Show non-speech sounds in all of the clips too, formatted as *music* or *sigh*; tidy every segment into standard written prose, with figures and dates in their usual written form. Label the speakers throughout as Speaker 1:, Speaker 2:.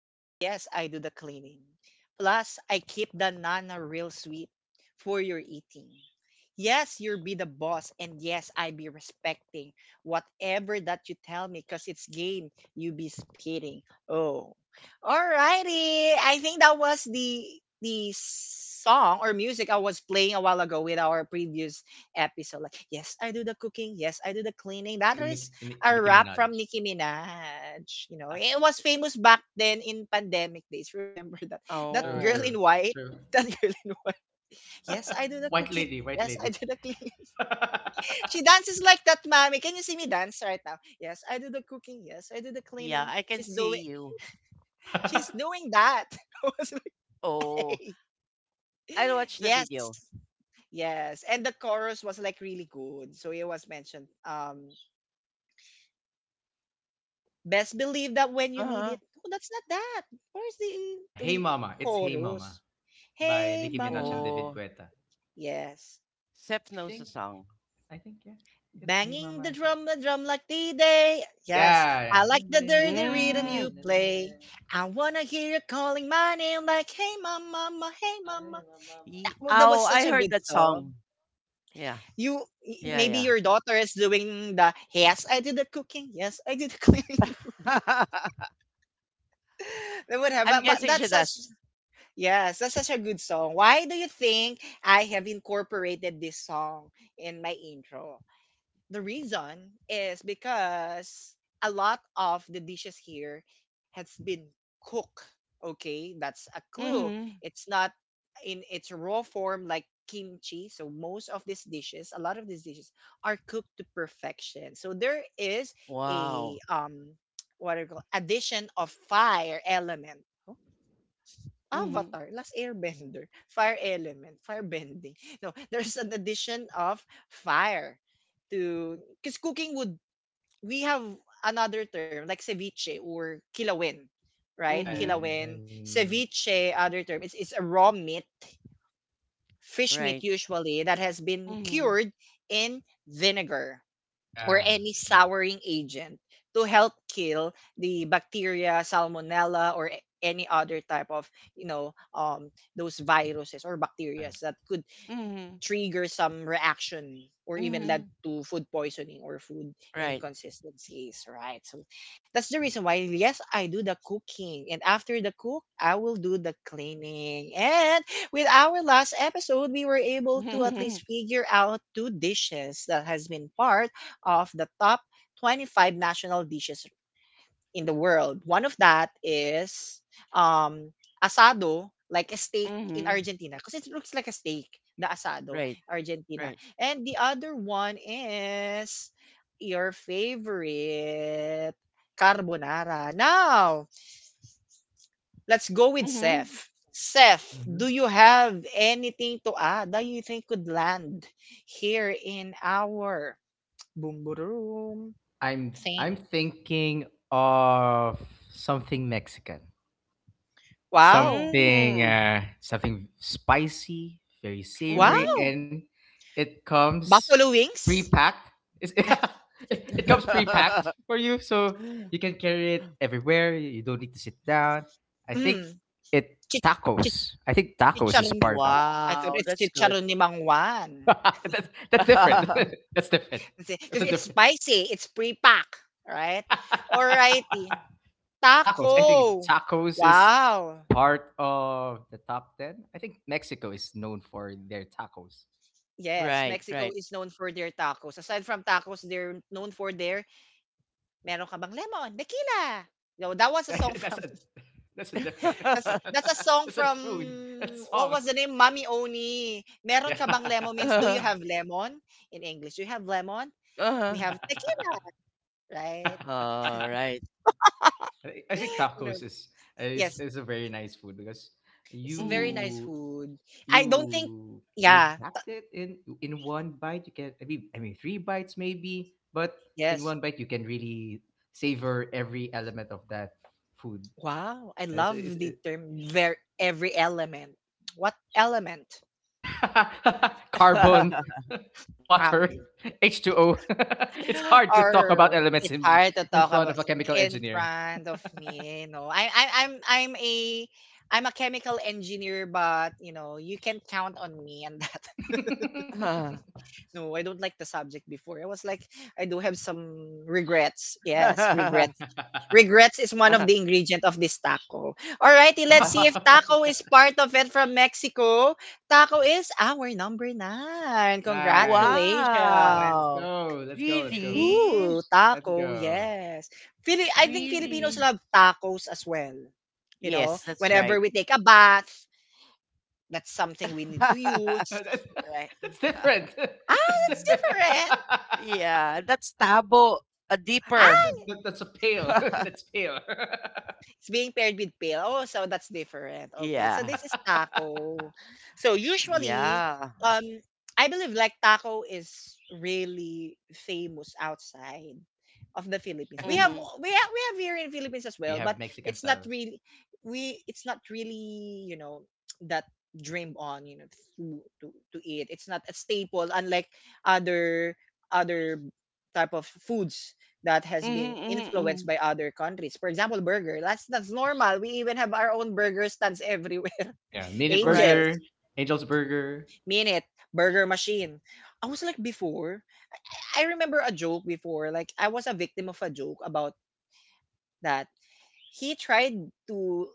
Speaker 1: And yes, I do the cleaning. Plus, I keep the nana real sweet for your eating. Yes, you'll be the boss, and yes, I be respecting whatever that you tell me, cause it's game you be spitting. Oh, alrighty. I think that was the song or music I was playing a while ago with our previous episode. Like, yes, I do the cooking. Yes, I do the cleaning. That
Speaker 2: To
Speaker 1: is a
Speaker 2: Nicki
Speaker 1: rap
Speaker 2: Minaj.
Speaker 1: from Nicki Minaj. You know, it was famous back then in pandemic days. Remember *laughs* that
Speaker 2: True,
Speaker 1: girl
Speaker 3: Oh,
Speaker 1: in
Speaker 2: true,
Speaker 1: white,
Speaker 2: true.
Speaker 1: *laughs* that girl in white. Yes, I do the
Speaker 2: *laughs* White
Speaker 1: cooking.
Speaker 2: lady, white
Speaker 1: Yes, I
Speaker 2: lady.
Speaker 1: do the cleaning. *laughs*
Speaker 2: *laughs*
Speaker 1: She dances like that, mommy. Can you see me dance right now? Yes, I do the cooking. Yes, I do the
Speaker 3: yeah,
Speaker 1: cleaning.
Speaker 3: I can
Speaker 1: She's
Speaker 3: see
Speaker 1: doing.
Speaker 3: you.
Speaker 1: She's doing that. *laughs* I was like,
Speaker 3: Oh,
Speaker 1: hey.
Speaker 3: I'll watch the
Speaker 1: Yes,
Speaker 3: video.
Speaker 1: yes, and the chorus was like really good. So it was mentioned. Best believe that when you need
Speaker 3: Uh-huh.
Speaker 1: it, no, that's not that. Where's the
Speaker 2: Hey Mama, it's Hey
Speaker 1: chorus?
Speaker 2: Mama by
Speaker 1: Hey,
Speaker 2: Nicki Minaj
Speaker 1: mama.
Speaker 2: and
Speaker 3: Oh,
Speaker 2: David Guetta.
Speaker 1: Yes.
Speaker 3: Seth
Speaker 2: I
Speaker 3: knows the
Speaker 2: think,
Speaker 3: song.
Speaker 2: I think, yeah, it's Hey
Speaker 1: Banging
Speaker 2: Mama. I think.
Speaker 1: the drum like the day. Yes.
Speaker 2: Yeah,
Speaker 1: I
Speaker 2: yeah.
Speaker 1: like the dirty rhythm
Speaker 3: Mm.
Speaker 1: you play. I wanna hear you calling my name like, hey, mama, mama, hey,
Speaker 2: Mama,
Speaker 1: mama.
Speaker 2: hey mama.
Speaker 1: That was
Speaker 3: Oh,
Speaker 1: such
Speaker 3: I
Speaker 1: a
Speaker 3: heard
Speaker 1: good
Speaker 3: that
Speaker 1: song.
Speaker 3: song. Yeah,
Speaker 1: You,
Speaker 3: yeah,
Speaker 1: Maybe
Speaker 3: yeah.
Speaker 1: your daughter is doing the, yes, I did the cooking. Yes, I did the cleaning. *laughs*
Speaker 3: *laughs*
Speaker 1: They would have,
Speaker 3: I'm
Speaker 1: but
Speaker 3: guessing she
Speaker 1: that's such.
Speaker 3: does.
Speaker 1: Yes, that's such a good song. Why do you think I have incorporated this song in my intro? The reason is because a lot of the dishes here has been cooked. Okay, that's a clue.
Speaker 3: Mm-hmm.
Speaker 1: It's not in its raw form like kimchi. So most of these dishes, a lot of these dishes are cooked to perfection. So there is
Speaker 3: Wow.
Speaker 1: a *tsk* what do you call addition of fire element,
Speaker 3: Mm-hmm.
Speaker 1: Avatar, Last Airbender, Fire Element, Fire Bending. No, *laughs* there's an addition of fire to, because cooking would, we have another term like ceviche or kilawin, right?
Speaker 2: Yeah, yeah,
Speaker 3: Mm-hmm.
Speaker 2: yeah.
Speaker 1: Kilawin, ceviche, other term. It's a raw meat, fish meat
Speaker 3: Right.
Speaker 1: usually that has been
Speaker 3: Mm-hmm.
Speaker 1: cured in vinegar or
Speaker 2: Yeah,
Speaker 1: any
Speaker 2: yeah.
Speaker 1: souring agent to help kill the bacteria, salmonella, or any other type of, you know um, those viruses or
Speaker 2: Yeah.
Speaker 1: bacteria that could
Speaker 3: Mm-hmm.
Speaker 1: trigger some reaction or even
Speaker 3: Mm-hmm.
Speaker 1: led to food poisoning or food
Speaker 3: Right. *laughs*
Speaker 1: inconsistencies, right? So that's the reason why, yes, I do the cooking. And after the cook, I will do the cleaning. And with our last episode, we were able to at
Speaker 3: Mm-hmm.
Speaker 1: least figure out two dishes that has been part of the top 25 national dishes in the world. One of that is um, asado, like a steak in
Speaker 3: Mm-hmm.
Speaker 1: Argentina, because it looks like a steak, the asado,
Speaker 3: Right.
Speaker 1: Argentina.
Speaker 3: Right.
Speaker 1: And the other one is your favorite carbonara. Now, let's go with
Speaker 3: Mm-hmm.
Speaker 1: Seth. Seth,
Speaker 2: Mhm.
Speaker 1: do you have anything to add that you think could land here in our boom boom
Speaker 2: I'm
Speaker 1: thing?
Speaker 2: I'm thinking of something Mexican.
Speaker 1: Wow.
Speaker 2: Something,
Speaker 3: Mm-hmm.
Speaker 2: something spicy, very savory,
Speaker 1: Wow.
Speaker 2: and it comes
Speaker 1: Buffalo wings?
Speaker 2: pre-packed. it's, *laughs* it comes pre-packed for you, so you
Speaker 3: Mm-hmm.
Speaker 2: can carry it
Speaker 3: *laughs*
Speaker 2: everywhere. You don't need to sit down. I
Speaker 1: Hmm,
Speaker 2: think it
Speaker 1: chich chich
Speaker 2: Tacos, I think tacos is
Speaker 1: chicharon.
Speaker 2: Sparta.
Speaker 1: Oh, I thought
Speaker 3: Wow,
Speaker 1: it's
Speaker 3: that's good.
Speaker 1: chicharon ni Mangwan.
Speaker 2: *laughs* That's different.
Speaker 3: *laughs*
Speaker 2: *laughs* That's different.
Speaker 1: Kasi
Speaker 2: That's
Speaker 1: kasi
Speaker 2: a
Speaker 1: it's
Speaker 2: different.
Speaker 1: spicy, it's pre-pack, right?
Speaker 2: *laughs*
Speaker 1: Alrighty.
Speaker 2: Tacos, I think
Speaker 1: Taco.
Speaker 2: tacos is
Speaker 1: Wow.
Speaker 2: part of the top 10. I think Mexico is known for their tacos.
Speaker 1: Yes,
Speaker 3: Right,
Speaker 1: Mexico
Speaker 3: right.
Speaker 1: is known for their tacos. Aside from tacos, they're known for their meron ka bang lemon, tequila. No, that
Speaker 2: Uh,
Speaker 1: was a song
Speaker 2: that- *laughs* that's
Speaker 1: from,
Speaker 2: a that's a different.
Speaker 1: *laughs*
Speaker 2: *laughs*
Speaker 3: *laughs*
Speaker 1: that's a song
Speaker 2: That's not
Speaker 1: from,
Speaker 2: food, that's
Speaker 1: what
Speaker 2: song.
Speaker 1: was the name? Mami Oni. Meron
Speaker 2: Yeah.
Speaker 1: ka bang lemon means
Speaker 2: *laughs*
Speaker 1: do you
Speaker 3: uh
Speaker 1: have lemon in English? Do you have lemon? We
Speaker 3: uh-huh.
Speaker 1: have tequila, right?
Speaker 2: I
Speaker 3: All right.
Speaker 2: I think
Speaker 1: *laughs* You know,
Speaker 2: tacos is is
Speaker 1: yes,
Speaker 2: is a very nice food, because
Speaker 1: it's very
Speaker 3: Mhm.
Speaker 1: nice
Speaker 2: you
Speaker 1: food. I don't think,
Speaker 2: you
Speaker 1: yeah,
Speaker 2: pre-packed it in one bite. You can, I mean, three bites maybe, but in
Speaker 1: yes.
Speaker 2: one bite you can really savor every element of that food.
Speaker 1: Wow, I
Speaker 2: And that's
Speaker 1: love the
Speaker 2: it.
Speaker 1: term, ver every element. What element?
Speaker 2: *laughs* Carbon,
Speaker 3: *laughs*
Speaker 1: Ah,
Speaker 2: water,
Speaker 1: okay.
Speaker 2: *laughs* H2O. *laughs* It's
Speaker 1: *laughs*
Speaker 2: hard to talk
Speaker 1: Or
Speaker 2: about elements
Speaker 1: it's hard to
Speaker 2: in
Speaker 1: talk
Speaker 2: front
Speaker 1: about
Speaker 2: of a chemical
Speaker 1: in
Speaker 2: engineer.
Speaker 1: front of me. No, I'm a chemical engineer, but you know, you can count on me and that. *laughs*
Speaker 2: *laughs*
Speaker 1: No, I don't like the subject before. I was like, I do have some regrets. Yes, regrets. Regrets is one of the
Speaker 3: *laughs*
Speaker 1: ingredient of this taco. Alrighty, let's see if
Speaker 2: Wow.
Speaker 1: taco
Speaker 2: *laughs*
Speaker 1: is part of it from Mexico. Taco is our number nine.
Speaker 2: Nice. Yeah.
Speaker 1: Congratulations.
Speaker 2: Let's
Speaker 3: Wow.
Speaker 2: go. Let's go. Let's go.
Speaker 3: Really?
Speaker 1: Ooh,
Speaker 2: Let's
Speaker 1: taco,
Speaker 2: go.
Speaker 1: yes. I think Filipinos
Speaker 3: Really?
Speaker 1: love tacos as well. You know,
Speaker 3: Yes, that's
Speaker 1: whenever
Speaker 3: right.
Speaker 1: we take a bath, that's something we need to
Speaker 2: *laughs*
Speaker 3: *laughs*
Speaker 1: use,
Speaker 2: That's,
Speaker 1: right?
Speaker 2: that's different.
Speaker 1: Ah,
Speaker 2: *laughs* That's
Speaker 1: that's
Speaker 2: different.
Speaker 1: different.
Speaker 2: *laughs*
Speaker 3: Yeah, that's tabo, a
Speaker 2: that's,
Speaker 3: deeper.
Speaker 1: Ah,
Speaker 2: that's a pale. *laughs*
Speaker 3: *laughs*
Speaker 2: That's pale. *laughs*
Speaker 1: it's being paired with pill. Oh, so that's different. Okay. So
Speaker 3: Yeah.
Speaker 1: this is taco. So usually,
Speaker 3: Yeah.
Speaker 1: um, I believe like taco is really famous outside of the Philippines.
Speaker 2: Yeah.
Speaker 3: Mm-hmm.
Speaker 1: We have here in Philippines as
Speaker 2: We
Speaker 1: well, but
Speaker 2: have Mexican
Speaker 1: it's not
Speaker 2: styles.
Speaker 1: really, we it's not really, you know, that dreamed on, you know, to eat. It's not a staple unlike other other type of foods that has been
Speaker 3: Mm-hmm, mm-hmm,
Speaker 1: influenced
Speaker 3: mm-hmm.
Speaker 1: by other countries. For example, burger. That's normal. We even have our own burger stands everywhere.
Speaker 2: Yeah.
Speaker 1: *laughs*
Speaker 2: Minute
Speaker 3: Right.
Speaker 1: Angels,
Speaker 2: Burger, Angel's Burger.
Speaker 1: Minute, Burger Machine. I was like before. I remember a joke before. Like I was a victim of a joke about that. He tried to.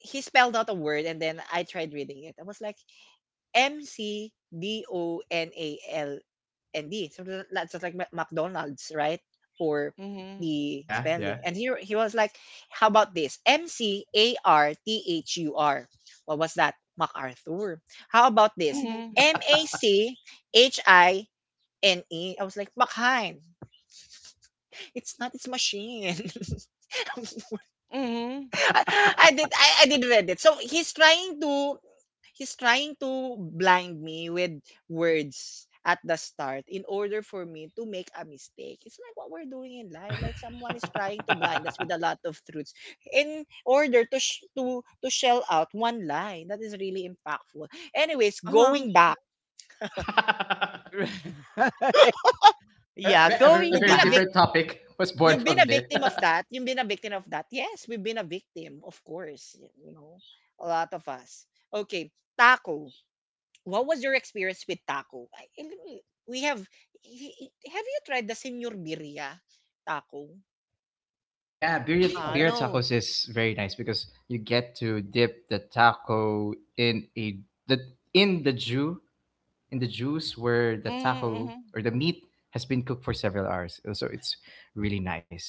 Speaker 1: He spelled out a word and then I tried reading it. I was like, McDonalnd. Something that's just like Mac- McDonald's, right? For
Speaker 3: Mm-hmm.
Speaker 1: the
Speaker 2: Yeah.
Speaker 1: spelling. And he was like, how about this? McArthur. What was that? MacArthur. How about this?
Speaker 3: Mhm.
Speaker 1: Machine. INE. I was like, McHine. It's not, it's machine. *laughs*
Speaker 3: Mhm.
Speaker 1: I I did read it. So he's trying to blind me with words at the start in order for me to make a mistake. It's like what we're doing in
Speaker 2: Yeah.
Speaker 1: life. Like someone is trying to blind us with
Speaker 2: *laughs*
Speaker 1: a lot of truths in order to sh- to shell out one lie that is really impactful. Anyways,
Speaker 3: Uh-huh.
Speaker 1: going back,
Speaker 2: *laughs*
Speaker 3: *laughs* Right.
Speaker 2: a,
Speaker 3: Yeah,
Speaker 2: ve- a
Speaker 3: going
Speaker 1: you've
Speaker 2: very
Speaker 1: been a
Speaker 3: back,
Speaker 1: victim.
Speaker 2: different topic was born
Speaker 1: You've been
Speaker 2: from
Speaker 1: a
Speaker 2: there.
Speaker 1: victim of
Speaker 2: *laughs*
Speaker 1: that. You've been a victim of that. Yes, we've been a victim, of course. You know, a lot of us. Okay, taco. What was your experience with taco? We have. Have you tried the Senor Birria taco?
Speaker 2: Yeah,
Speaker 1: Do you know that?
Speaker 2: birria
Speaker 3: no.
Speaker 2: tacos is very nice, because you get to dip the taco in a the in the ju in the juice where the taco
Speaker 3: Mhm.
Speaker 2: or the meat has been cooked for several hours. So it's really nice.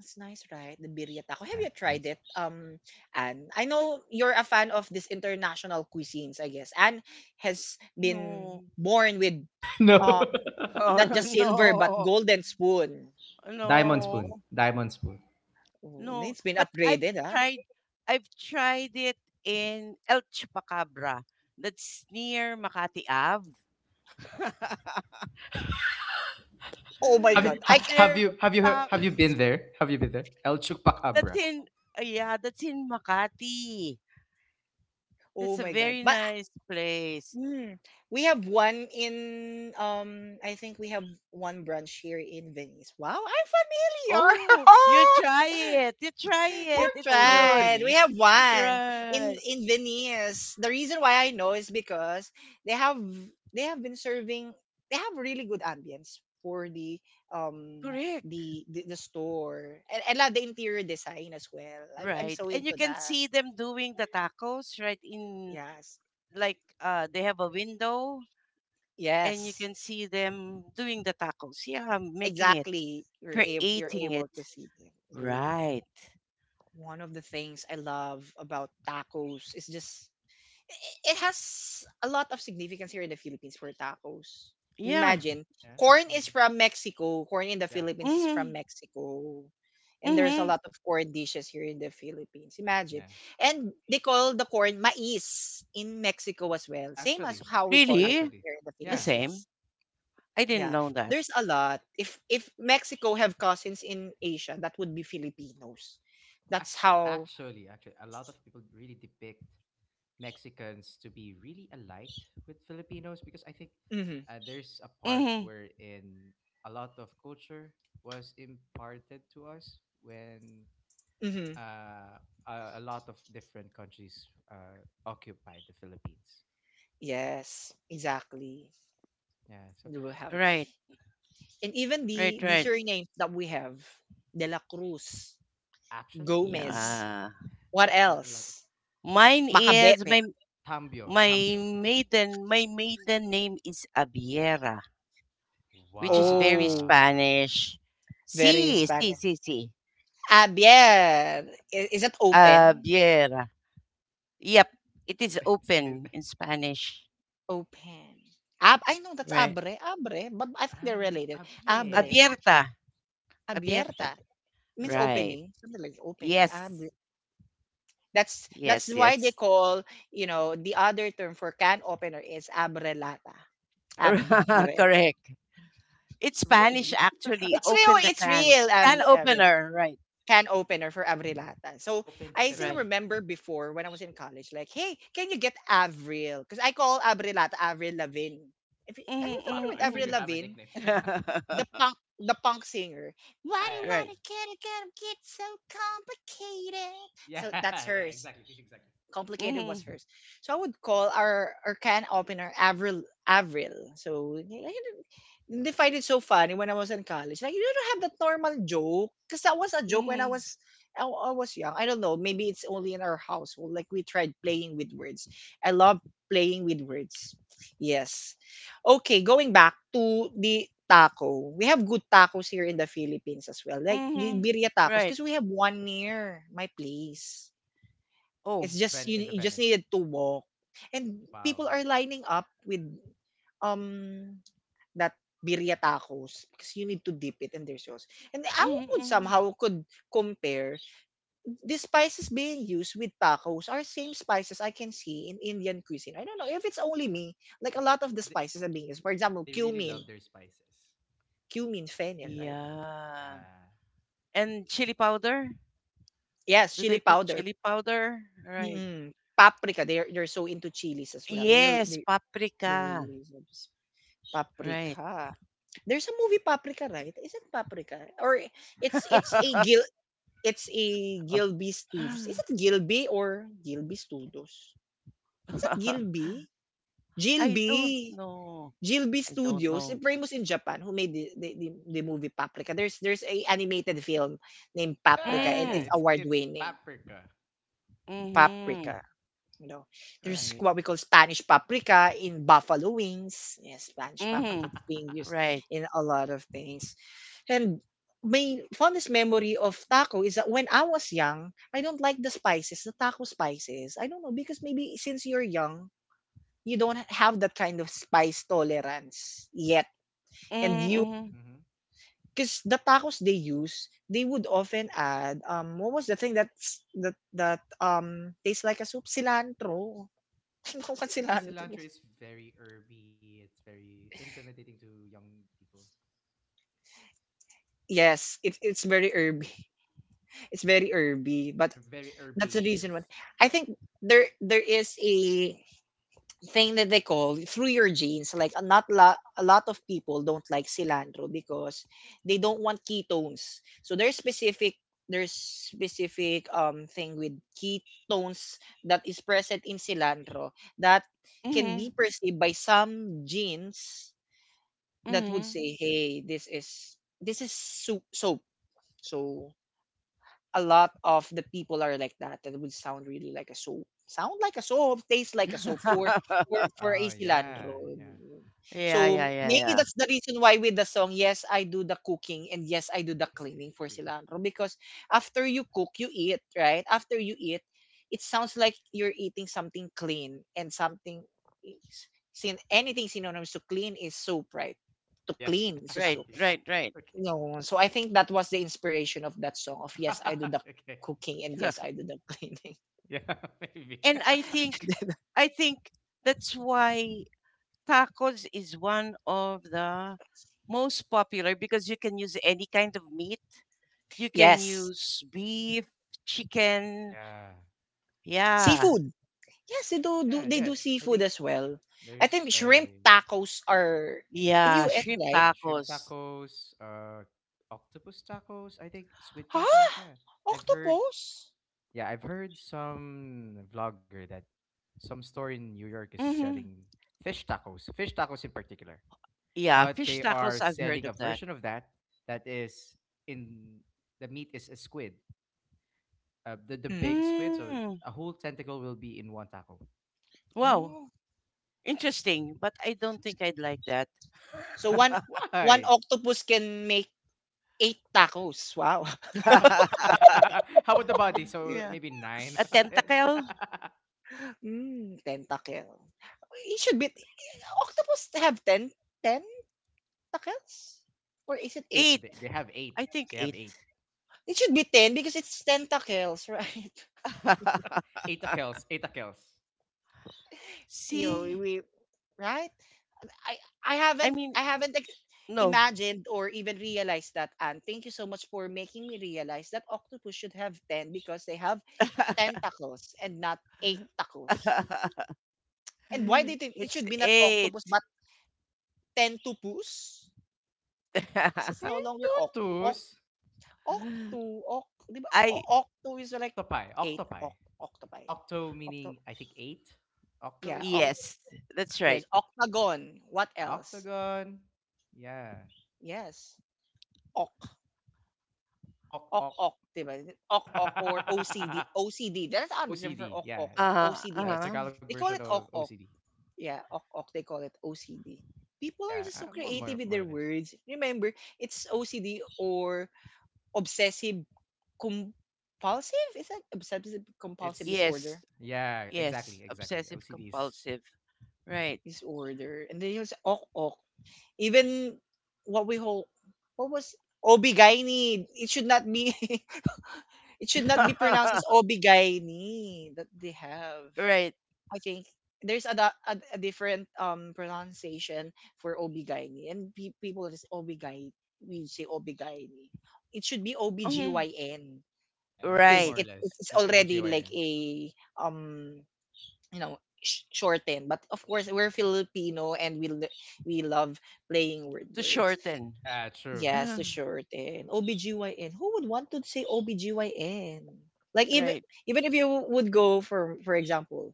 Speaker 1: It's nice, right? The birria taco. Have
Speaker 2: Yeah.
Speaker 1: you tried
Speaker 2: it's-
Speaker 1: it? Anne, I know you're a fan of this international cuisines. I guess Anne has been
Speaker 3: No.
Speaker 1: born with
Speaker 2: no.
Speaker 1: um
Speaker 2: *laughs*
Speaker 3: *laughs* Oh.
Speaker 1: not just silver but
Speaker 3: No,
Speaker 1: golden spoon.
Speaker 2: Diamond
Speaker 3: no,
Speaker 2: spoon,
Speaker 1: Oh,
Speaker 2: diamond spoon.
Speaker 1: oh,
Speaker 3: no.
Speaker 1: it's been
Speaker 3: But I've
Speaker 1: upgraded, ah.
Speaker 3: tried, I've tried it in El Chupacabra. That's near Makati Ave. *laughs*
Speaker 1: Oh my
Speaker 2: Have you,
Speaker 1: god.
Speaker 2: Ha- have
Speaker 3: There's
Speaker 2: you have you heard?
Speaker 3: uh,
Speaker 2: Have
Speaker 3: *laughs*
Speaker 2: you been there? Have you been there? El
Speaker 3: that's
Speaker 2: Chupacabra,
Speaker 3: in yeah, that's in Makati.
Speaker 1: Oh
Speaker 3: That's a
Speaker 1: my god.
Speaker 3: very
Speaker 1: But
Speaker 3: nice place.
Speaker 1: mm, we have one in I think we have one branch here in Venice. Wow, I'm familiar. *laughs*
Speaker 3: Oh, you
Speaker 1: Oh,
Speaker 3: try it. You try
Speaker 1: you
Speaker 3: it.
Speaker 2: part
Speaker 3: It's
Speaker 2: owner of
Speaker 3: good.
Speaker 1: tried. We have
Speaker 2: Venice.
Speaker 1: one in
Speaker 3: Right.
Speaker 1: in Venice. The reason why I know is because they have they have been serving, they have really good ambience for the um
Speaker 3: Correct.
Speaker 1: the store. And la the interior design as well. I'm
Speaker 3: Right.
Speaker 1: so
Speaker 3: And you
Speaker 1: into
Speaker 3: can
Speaker 1: that.
Speaker 3: see them doing the tacos, right? In
Speaker 1: Yes.
Speaker 3: like they have a window, and you
Speaker 1: Yes.
Speaker 3: can see them doing the tacos. Yeah, making it,
Speaker 1: Exactly, you're
Speaker 3: creating
Speaker 1: able
Speaker 3: it.
Speaker 1: to see them. W-
Speaker 3: Right.
Speaker 1: One of the things I love about tacos is just, it has a lot of significance here in the Philippines for tacos.
Speaker 3: Yeah.
Speaker 1: Imagine
Speaker 2: Yeah.
Speaker 1: corn is
Speaker 2: Mm.
Speaker 1: from Mexico, corn in the
Speaker 2: Yeah.
Speaker 1: Philippines is from
Speaker 3: Mhm.
Speaker 1: Mexico. And there's
Speaker 2: Yeah,
Speaker 1: a
Speaker 3: Mhm.
Speaker 1: lot of corn dishes here in the Philippines. Imagine.
Speaker 2: yeah.
Speaker 1: And they call the corn mais in Mexico as well.
Speaker 2: Yeah,
Speaker 1: Same as how we call it
Speaker 3: Really?
Speaker 2: actually,
Speaker 1: here in the
Speaker 3: The
Speaker 2: yeah,
Speaker 1: Philippines,
Speaker 3: same.
Speaker 1: yes.
Speaker 3: I didn't
Speaker 1: Yeah,
Speaker 3: know that.
Speaker 1: there's a lot. If Mexico have cousins in Asia, that would be Filipinos. That's how.
Speaker 2: actually, a lot of people really depict Mexicans to be really alike with Filipinos, because I think,
Speaker 1: Hmm,
Speaker 2: there's a part
Speaker 3: Mhm.
Speaker 2: wherein a lot of culture was imparted to us when,
Speaker 1: hmm.
Speaker 2: uh, a lot of different countries occupied the Philippines.
Speaker 1: Yes, exactly.
Speaker 2: Yeah, so
Speaker 1: We will have it,
Speaker 3: Right.
Speaker 1: and even
Speaker 3: Right,
Speaker 1: the
Speaker 3: right.
Speaker 1: surnames that we have: De La Cruz,
Speaker 2: actually,
Speaker 1: Gomez.
Speaker 3: Yeah.
Speaker 1: What
Speaker 2: a lot of
Speaker 1: else?
Speaker 3: Mine is
Speaker 1: Macabebe.
Speaker 3: my
Speaker 2: Tambio,
Speaker 3: My
Speaker 2: Tambio.
Speaker 3: my maiden name is Abiera, which is very
Speaker 1: Oh,
Speaker 2: Wow.
Speaker 3: Spanish.
Speaker 1: very
Speaker 3: Si, si,
Speaker 1: Spanish.
Speaker 2: Wow.
Speaker 3: si, si.
Speaker 1: Abier. Is that open?
Speaker 3: Abiera. Yep, it is
Speaker 2: *laughs* It's it,
Speaker 3: open in Spanish.
Speaker 1: Open. Ab, I know that's
Speaker 3: Right.
Speaker 1: abre, abre, but I think they're
Speaker 2: an
Speaker 1: related. Abre,
Speaker 2: abiera.
Speaker 3: Abierta.
Speaker 1: abierta.
Speaker 3: Abierta.
Speaker 1: Means
Speaker 2: Wow.
Speaker 3: Right.
Speaker 1: opening, something like opening.
Speaker 3: Yes.
Speaker 1: Abre. That's
Speaker 3: Yes,
Speaker 1: why they
Speaker 3: yes.
Speaker 1: call, you know, the other term for can opener is abrelata.
Speaker 3: *laughs*
Speaker 1: Abrel.
Speaker 3: Correct. It's Spanish
Speaker 2: Really? *laughs*
Speaker 3: actually.
Speaker 1: It's real.
Speaker 3: Open the
Speaker 1: It's
Speaker 3: can.
Speaker 1: real.
Speaker 3: Can
Speaker 1: Abril.
Speaker 3: opener. Right.
Speaker 1: Can opener for abrelata. So
Speaker 2: Open
Speaker 1: I still
Speaker 3: Right.
Speaker 2: Sesame.
Speaker 1: remember before when I was in college, like, hey, can you get Avril? Because I call abrelata Avril Lavigne. If you, are you
Speaker 3: Mm-hmm,
Speaker 2: *laughs*
Speaker 1: familiar with
Speaker 2: Wow. So
Speaker 1: Avril
Speaker 2: you
Speaker 3: mm-hmm.
Speaker 2: have a
Speaker 1: Lavigne,
Speaker 2: nickname. *laughs*
Speaker 1: the punk singer? Why
Speaker 2: Yeah,
Speaker 1: do
Speaker 2: yeah, yeah.
Speaker 3: *laughs* Right.
Speaker 1: I get it? Get so complicated.
Speaker 2: Yeah,
Speaker 1: So that's
Speaker 2: *laughs* yeah,
Speaker 1: hers.
Speaker 2: exactly, exactly.
Speaker 1: Complicated was
Speaker 3: Mm-hmm,
Speaker 1: hers. So I would call our can opener Avril. Avril. So I Didn't find it so funny when I was in college. Like you don't have that normal joke because that was a joke when
Speaker 3: mm-hmm,
Speaker 1: I was young. I don't know. Maybe it's only in our household. Like we tried playing with words. I love playing with words. Yes. Okay, going back to the taco. We have good tacos here in the Philippines as well. Like
Speaker 3: mm-hmm.
Speaker 1: Birria tacos
Speaker 3: Right.
Speaker 1: because we have one near my place.
Speaker 3: Oh.
Speaker 1: It's
Speaker 2: The
Speaker 1: just
Speaker 2: Ven In the
Speaker 1: you just
Speaker 2: Venice.
Speaker 1: needed to walk, and
Speaker 2: Oh,
Speaker 1: people
Speaker 2: wow.
Speaker 1: are lining up with um that birria tacos because you need to dip it in their sauce. And
Speaker 2: Yeah.
Speaker 1: I
Speaker 3: Mhm,
Speaker 1: would
Speaker 3: mhm.
Speaker 1: somehow could compare the spices being used with tacos are same spices I can see in Indian cuisine. I don't know if it's only me. Like a lot
Speaker 2: They,
Speaker 1: of the
Speaker 2: they
Speaker 1: spices are being used. For example,
Speaker 2: they really love their spices.
Speaker 1: cumin, fennel, right?
Speaker 3: Yeah.
Speaker 2: Yeah.
Speaker 3: And chili powder?
Speaker 1: Yes,
Speaker 3: Do they
Speaker 1: chili
Speaker 3: put
Speaker 1: powder,
Speaker 3: chili powder? Right.
Speaker 1: mm, paprika. They're so into chilies as well. They
Speaker 3: Yes,
Speaker 1: they they
Speaker 3: paprika.
Speaker 1: really is.
Speaker 3: Right.
Speaker 1: Paprika. There's a movie Paprika, right? Isn't Paprika? Or it's it's a Gil
Speaker 3: *laughs*
Speaker 1: it's a Gilby Studios. Is it Gilby or Gilby Studios? Is that Gilby?
Speaker 3: I don't
Speaker 1: Gilby.
Speaker 3: know.
Speaker 1: Gilby
Speaker 3: I don't
Speaker 1: Studios,
Speaker 3: know.
Speaker 1: famous in Japan, who made the movie Paprika. There's a animated film named Paprika
Speaker 2: Yeah, yeah,
Speaker 1: and
Speaker 2: yeah.
Speaker 1: it's
Speaker 3: Mm.
Speaker 2: it's
Speaker 1: award
Speaker 2: it's
Speaker 1: winning.
Speaker 2: paprika.
Speaker 3: Mhm.
Speaker 1: Paprika. You know, there's
Speaker 3: Right.
Speaker 1: what we call Spanish paprika in buffalo wings. Yes, Spanish paprika.
Speaker 3: Mhm.
Speaker 1: It's being used
Speaker 2: *laughs*
Speaker 3: Right.
Speaker 1: in a lot of things. And my fondest memory of taco is that when I was young, I don't like the spices, the taco spices. I don't know because maybe since you're young, you don't have that kind of spice tolerance yet. And you,
Speaker 2: hmm
Speaker 3: Mhm.
Speaker 2: hmm
Speaker 1: because the tacos they use, they would often add what was the thing that tastes like a soup? Cilantro. *laughs* Ano ka cilantro?
Speaker 2: Cilantro is very herby. It's very intimidating to young people.
Speaker 1: Yes, it's very herby. It's very herby. But
Speaker 2: They're very
Speaker 1: that's the reason why
Speaker 2: herbaceous.
Speaker 1: I think there is a thing that they call through your genes, like a lot of people don't like cilantro because they don't want ketones, so there's specific thing with ketones that is present in cilantro that can
Speaker 3: Mhm.
Speaker 1: be perceived by some genes
Speaker 3: Mhm,
Speaker 1: that would
Speaker 3: mhm.
Speaker 1: say, hey, this is soup soap. So a lot of the people are like that. That would sound really like a soap. Sound like a soap, taste like a soap for
Speaker 3: *laughs*
Speaker 1: a
Speaker 2: Oh, yeah,
Speaker 1: cilantro.
Speaker 2: yeah.
Speaker 3: Yeah,
Speaker 1: So
Speaker 3: yeah, yeah,
Speaker 1: maybe
Speaker 3: yeah.
Speaker 1: that's the reason why, with the song, yes, I do the cooking and yes, I do
Speaker 2: *laughs*
Speaker 1: the
Speaker 2: Yes,
Speaker 1: cleaning for
Speaker 2: scientifically.
Speaker 1: cilantro, because after you cook, you eat, right? After you eat, it sounds like you're eating something clean, and something sin anything synonymous to clean is soap, right? To
Speaker 2: Yeah.
Speaker 1: clean is a
Speaker 3: Right,
Speaker 2: *laughs*
Speaker 1: soap.
Speaker 2: Yeah.
Speaker 3: right, right.
Speaker 2: Okay.
Speaker 1: No, so I think that was the inspiration of that song of yes, I do the
Speaker 2: *laughs* Okay.
Speaker 1: cooking and yes, I do
Speaker 3: *laughs*
Speaker 1: the cleaning.
Speaker 2: Yeah. *laughs* Maybe.
Speaker 3: And I
Speaker 2: *laughs*
Speaker 3: think
Speaker 1: *laughs*
Speaker 3: I think that's why tacos is one of the most popular, because you can use any kind of meat. You can
Speaker 1: Yes.
Speaker 3: use beef, chicken,
Speaker 2: Yeah.
Speaker 3: yeah,
Speaker 1: Seafood. Yes, do
Speaker 2: Yeah,
Speaker 1: they do
Speaker 2: yeah. I
Speaker 1: seafood
Speaker 2: think
Speaker 1: as well. I think
Speaker 2: there's
Speaker 1: shrimp
Speaker 2: a
Speaker 1: tacos are in
Speaker 3: yeah,
Speaker 1: US,
Speaker 3: shrimp
Speaker 1: right?
Speaker 2: Yeah, shrimp
Speaker 3: tacos.
Speaker 2: tacos, octopus tacos, I think squid
Speaker 1: Huh?
Speaker 2: tacos, yeah. I've heard
Speaker 1: Octopus?
Speaker 2: yeah, I've heard some vlogger that some store in New York is
Speaker 3: Mm-hmm.
Speaker 2: selling fish tacos in particular.
Speaker 3: Yeah,
Speaker 2: But
Speaker 3: fish
Speaker 2: they
Speaker 3: tacos,
Speaker 2: are
Speaker 3: I've heard
Speaker 2: selling a
Speaker 3: of that.
Speaker 2: version of that that is, in the meat is a squid, the big
Speaker 1: Mm.
Speaker 2: squid. So
Speaker 3: Mm,
Speaker 2: a whole tentacle will be in one taco.
Speaker 3: wow,
Speaker 1: Oh.
Speaker 3: interesting, but I don't think I'd like that.
Speaker 1: So one
Speaker 2: Why?
Speaker 1: octopus can make eight tacos. Wow.
Speaker 2: *laughs*
Speaker 3: *laughs*
Speaker 2: How about the body? So
Speaker 3: Yeah,
Speaker 2: maybe nine
Speaker 3: a
Speaker 2: on it.
Speaker 3: tentacle,
Speaker 1: *laughs* Tentacle. It should be, octopus have ten tentacles? Or is it
Speaker 2: *laughs*
Speaker 1: eight?
Speaker 2: No,
Speaker 3: eight.
Speaker 2: they have
Speaker 3: I
Speaker 2: eight.
Speaker 3: think
Speaker 2: They have
Speaker 3: eight.
Speaker 2: eight.
Speaker 1: It should be 10 because it's tentacles, *laughs* right?
Speaker 3: *laughs*
Speaker 2: Eight tacles. Eight tacles.
Speaker 1: You know,
Speaker 3: See,
Speaker 1: we, right? I
Speaker 3: I mean,
Speaker 1: I haven't ex-
Speaker 3: no.
Speaker 1: imagined or even realized that, and thank you so much for making me realize that octopus should have 10 because they have tentacles and not eight tacos.
Speaker 3: *laughs*
Speaker 1: And why did it
Speaker 3: It's
Speaker 1: should be not
Speaker 3: eight.
Speaker 1: octopus but tentupus? It's no
Speaker 3: *laughs*
Speaker 2: 10
Speaker 1: longer
Speaker 2: tutus.
Speaker 1: di ba?
Speaker 3: I
Speaker 1: Octu is like
Speaker 2: Octopi.
Speaker 1: eight
Speaker 2: Octopi.
Speaker 1: octopi.
Speaker 2: Octo
Speaker 1: Octo,
Speaker 2: meaning, I think, eight. Octo
Speaker 1: yeah,
Speaker 2: is
Speaker 1: oc,
Speaker 2: eight.
Speaker 3: yes, that's
Speaker 1: less
Speaker 3: right.
Speaker 1: octagon. What else?
Speaker 2: Octagon. Yeah.
Speaker 1: Yes. Ok.
Speaker 2: Oc
Speaker 1: Ok,
Speaker 2: oc.
Speaker 1: ok, di ba? Ok, ok or OCD. OCD. That's
Speaker 2: *laughs*
Speaker 1: another term for
Speaker 2: OCD.
Speaker 1: ok,
Speaker 2: Yeah,
Speaker 1: ok.
Speaker 3: Uh
Speaker 2: yeah.
Speaker 3: huh.
Speaker 2: The
Speaker 1: OCD-ness.
Speaker 3: Uh-huh.
Speaker 2: Tagalog
Speaker 1: They
Speaker 2: version
Speaker 1: call it
Speaker 2: of
Speaker 1: ok, ok.
Speaker 2: OCD.
Speaker 1: Yeah, ok, ok. They call it OCD. People are
Speaker 2: Yeah,
Speaker 1: just so creative with
Speaker 2: more or
Speaker 1: their
Speaker 2: less.
Speaker 1: words. Remember, it's OCD or obsessive compulsive. Is that obsessive
Speaker 2: Yeah,
Speaker 1: compulsive
Speaker 2: it's
Speaker 3: Yes,
Speaker 1: disorder?
Speaker 2: yeah,
Speaker 3: yes.
Speaker 2: exactly, exactly.
Speaker 3: Obsessive
Speaker 2: OCD is,
Speaker 3: compulsive. Right.
Speaker 1: Disorder. And then was ok, ok. Even what we hold, what was Obigaini. It should not be *laughs* it should not be pronounced
Speaker 3: *laughs*
Speaker 1: as obigaini that they have.
Speaker 3: Right.
Speaker 1: I think there's a different pronunciation for obigaini, and pe- people just obigai we say obigaini. It should be
Speaker 3: Mhm.
Speaker 1: obgyn
Speaker 2: yeah,
Speaker 1: because
Speaker 2: more
Speaker 3: Right.
Speaker 2: or
Speaker 1: it
Speaker 2: less.
Speaker 1: it's
Speaker 2: It's
Speaker 1: already like
Speaker 2: OBGYN.
Speaker 1: a, um you know shortened. But of course, we're Filipino and we love playing
Speaker 3: To
Speaker 1: words.
Speaker 3: shorten.
Speaker 2: Yeah, true.
Speaker 1: Yes,
Speaker 3: Uh-huh.
Speaker 1: to shorten. OBGYN. Who would want to say OBGYN? Like
Speaker 3: Right.
Speaker 1: even if you would go for, example,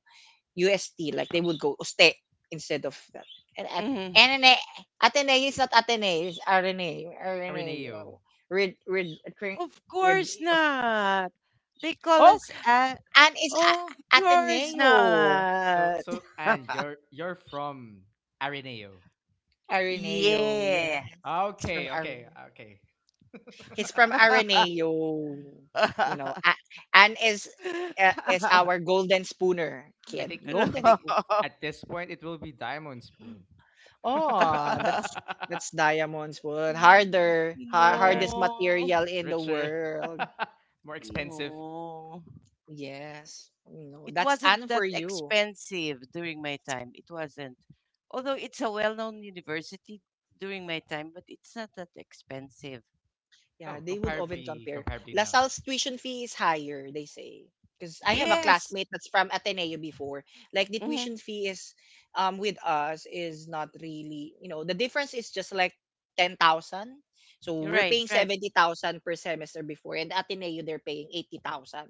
Speaker 1: UST, like they would go oste instead of that. And at
Speaker 3: Hmm.
Speaker 1: NNA, Ateneo is not Ateneo, it's RNA, RNA.
Speaker 2: Araneo.
Speaker 1: Oh, read
Speaker 3: Of
Speaker 1: with
Speaker 3: course
Speaker 1: of,
Speaker 3: not. They call
Speaker 1: oh,
Speaker 3: us a.
Speaker 1: and
Speaker 3: Of course
Speaker 1: Ateneo.
Speaker 2: So,
Speaker 3: not.
Speaker 2: so, and
Speaker 3: *laughs*
Speaker 2: you're from Araneo.
Speaker 1: Ateneo, yes.
Speaker 3: Yeah.
Speaker 1: It's from
Speaker 2: Okay, okay,
Speaker 1: RNA.
Speaker 2: okay.
Speaker 1: He's
Speaker 2: *laughs*
Speaker 1: from Araneo. You know,
Speaker 3: *laughs*
Speaker 1: A- Anne is
Speaker 3: *laughs*
Speaker 1: our golden spooner
Speaker 2: I
Speaker 1: kid.
Speaker 2: think I
Speaker 1: Golden
Speaker 3: No.
Speaker 2: think
Speaker 1: spoon.
Speaker 2: at this point it will be Diamond Spoon. *laughs*
Speaker 1: Oh,
Speaker 3: *laughs*
Speaker 1: that's diamond spoon.
Speaker 2: Harder,
Speaker 1: Hardest
Speaker 3: No.
Speaker 1: material in the
Speaker 2: richer,
Speaker 1: world.
Speaker 2: *laughs* more expensive.
Speaker 3: No.
Speaker 1: Yes. No,
Speaker 3: It
Speaker 1: that's
Speaker 3: wasn't
Speaker 1: Anne
Speaker 3: that
Speaker 1: for you.
Speaker 3: expensive during my time. It wasn't. Although it's a well-known university during my time, but it's not that expensive.
Speaker 1: Yeah,
Speaker 2: Oh,
Speaker 1: they would often
Speaker 2: comparably,
Speaker 1: compare.
Speaker 2: comparably now.
Speaker 1: LaSalle's tuition fee is higher, they say. Because
Speaker 2: Oh,
Speaker 1: I have a
Speaker 2: really?
Speaker 3: Yes.
Speaker 1: classmate that's from Ateneo before. Like the
Speaker 3: Hmm.
Speaker 1: tuition fee is, with us, is not really, the difference is just like 10,000. So we're
Speaker 3: Right,
Speaker 1: paying
Speaker 3: right.
Speaker 1: 70,000 per semester before, and Ateneo, they're paying 80,000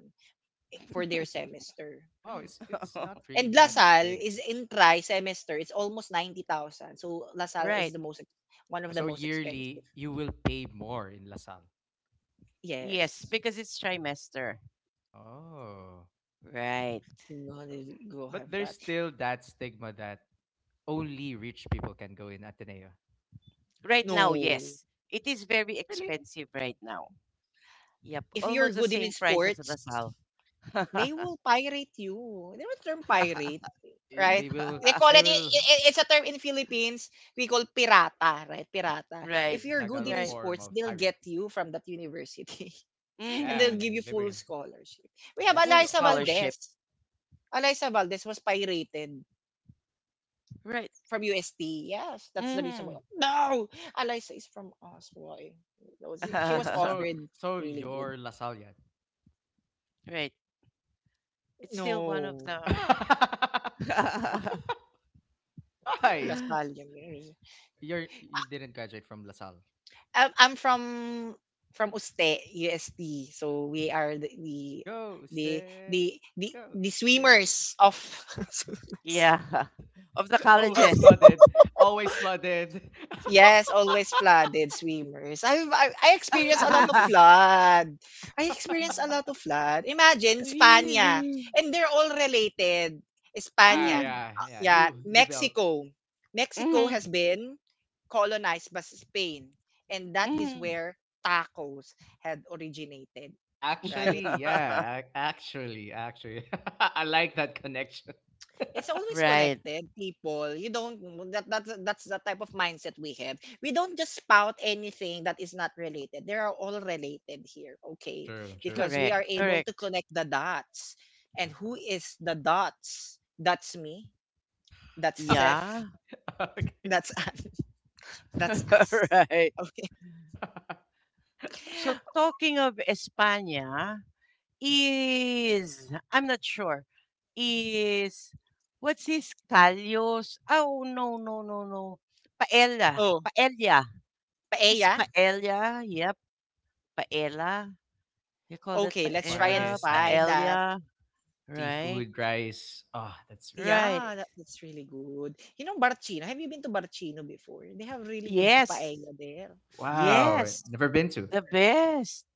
Speaker 1: for their semester.
Speaker 2: Oh, wow. It's not really
Speaker 1: And
Speaker 2: that
Speaker 3: *laughs*
Speaker 1: LaSalle
Speaker 2: big.
Speaker 1: is in tri semester, it's almost 90,000. So LaSalle
Speaker 3: Right.
Speaker 1: is the most one of the
Speaker 2: So
Speaker 1: most expensive.
Speaker 2: yearly, you will pay more in Lasal.
Speaker 3: Yes,
Speaker 1: Yes.
Speaker 3: because it's trimester.
Speaker 2: Oh,
Speaker 3: Right.
Speaker 2: but
Speaker 1: Go have
Speaker 2: there's
Speaker 1: that.
Speaker 2: still that stigma that only rich people can go in Ateneo.
Speaker 3: Right now,
Speaker 1: No.
Speaker 3: yes. It is very
Speaker 2: Really?
Speaker 3: expensive right now. Yep,
Speaker 1: If you're
Speaker 3: almost the
Speaker 1: good in
Speaker 3: same price as
Speaker 1: sports,
Speaker 3: Lasal.
Speaker 1: they
Speaker 3: *laughs*
Speaker 1: will pirate you. They will term pirate, right?
Speaker 2: They will.
Speaker 1: They call
Speaker 2: They
Speaker 1: it,
Speaker 2: will.
Speaker 1: it's a term in Philippines, we call pirata, right? Pirata.
Speaker 3: Right,
Speaker 2: The,
Speaker 1: If
Speaker 2: the
Speaker 1: you're good
Speaker 2: Tagalog
Speaker 1: in
Speaker 3: right.
Speaker 2: form
Speaker 1: sports,
Speaker 2: of
Speaker 1: they'll
Speaker 2: pirate.
Speaker 1: get you from that university. *laughs* And
Speaker 2: Yeah,
Speaker 3: Mm-hmm.
Speaker 1: they'll
Speaker 2: yeah.
Speaker 1: give
Speaker 2: Yeah,
Speaker 1: you
Speaker 2: they
Speaker 1: full
Speaker 2: will.
Speaker 1: scholarship.
Speaker 2: Yeah,
Speaker 1: We have
Speaker 2: they
Speaker 3: Full
Speaker 2: will
Speaker 1: Eliza
Speaker 2: offer you.
Speaker 3: scholarship.
Speaker 1: Valdez. Eliza Valdez was pirated
Speaker 3: Right.
Speaker 1: from UST. Yes, that's the reason
Speaker 3: Mm-hmm.
Speaker 1: why. No! Eliza is from us. Why? She
Speaker 2: So
Speaker 1: was
Speaker 2: so
Speaker 3: *laughs*
Speaker 1: offered
Speaker 2: so
Speaker 1: really good.
Speaker 2: you're LaSallian.
Speaker 3: Right. It's still one of
Speaker 1: No.
Speaker 3: the
Speaker 2: *laughs*
Speaker 3: *laughs*
Speaker 1: You know
Speaker 2: Why?
Speaker 1: Lasal. Yun, yun, yun.
Speaker 2: You did not graduate from LaSalle.
Speaker 1: I'm from Uste, UST. So we are the the,
Speaker 2: Ghosted.
Speaker 1: the
Speaker 2: Ghosted.
Speaker 1: swimmers of *laughs*
Speaker 3: yeah of the
Speaker 2: *laughs* Always
Speaker 3: colleges.
Speaker 2: flooded. Always flooded.
Speaker 1: yes, always
Speaker 2: *laughs*
Speaker 1: flooded swimmers. I experienced a lot of
Speaker 3: *laughs*
Speaker 2: Weavers.
Speaker 1: flood. I experienced
Speaker 2: *laughs*
Speaker 1: a lot of flood. Imagine Spania,
Speaker 3: Really.
Speaker 1: and they're all related.
Speaker 2: Yeah,
Speaker 1: Spania,
Speaker 3: Mm.
Speaker 2: yeah, yeah.
Speaker 1: yeah,
Speaker 2: You built.
Speaker 1: Mexico. Mexico
Speaker 3: Mm-hmm.
Speaker 1: has been colonized by Spain, and that is
Speaker 3: Mm.
Speaker 1: where tacos had originated, right?
Speaker 2: Actually,
Speaker 3: *laughs*
Speaker 2: yeah. Actually. *laughs* I like that connection. *laughs*
Speaker 1: It's always
Speaker 3: Right.
Speaker 1: connected, people. You don't, that's the type of mindset we have. We don't just spout anything that is not related. They are all related here, okay?
Speaker 2: True, true.
Speaker 1: Because
Speaker 3: Correct.
Speaker 1: we are able to
Speaker 3: Correct.
Speaker 1: connect the dots. And
Speaker 2: Yeah.
Speaker 1: who is the dots? That's me. That's
Speaker 2: Okay.
Speaker 1: Seth.
Speaker 3: Yeah.
Speaker 2: *laughs* Okay.
Speaker 1: That's *laughs* that's
Speaker 3: *laughs*
Speaker 1: us.
Speaker 3: Right.
Speaker 1: Okay.
Speaker 2: *laughs*
Speaker 3: So talking of España, is I'm not sure. Is What's this callos? Oh no no no no. Paella.
Speaker 1: Oh,
Speaker 3: Paella. Is
Speaker 1: paella?
Speaker 3: paella? Yep. Paella. You call that
Speaker 1: Okay,
Speaker 2: Oh,
Speaker 1: let's try and
Speaker 2: paella
Speaker 3: paella?
Speaker 2: is
Speaker 1: find
Speaker 2: nice.
Speaker 1: that.
Speaker 3: Paella. Right.
Speaker 2: Seafood, rice. Oh, that's really good.
Speaker 3: Right.
Speaker 1: Yeah, that's really good. You know, Barcino, have you been to Barcino before? They have really good
Speaker 3: Yes.
Speaker 1: paella there, right?
Speaker 2: Wow.
Speaker 3: Yes.
Speaker 2: Never been to.
Speaker 3: The best.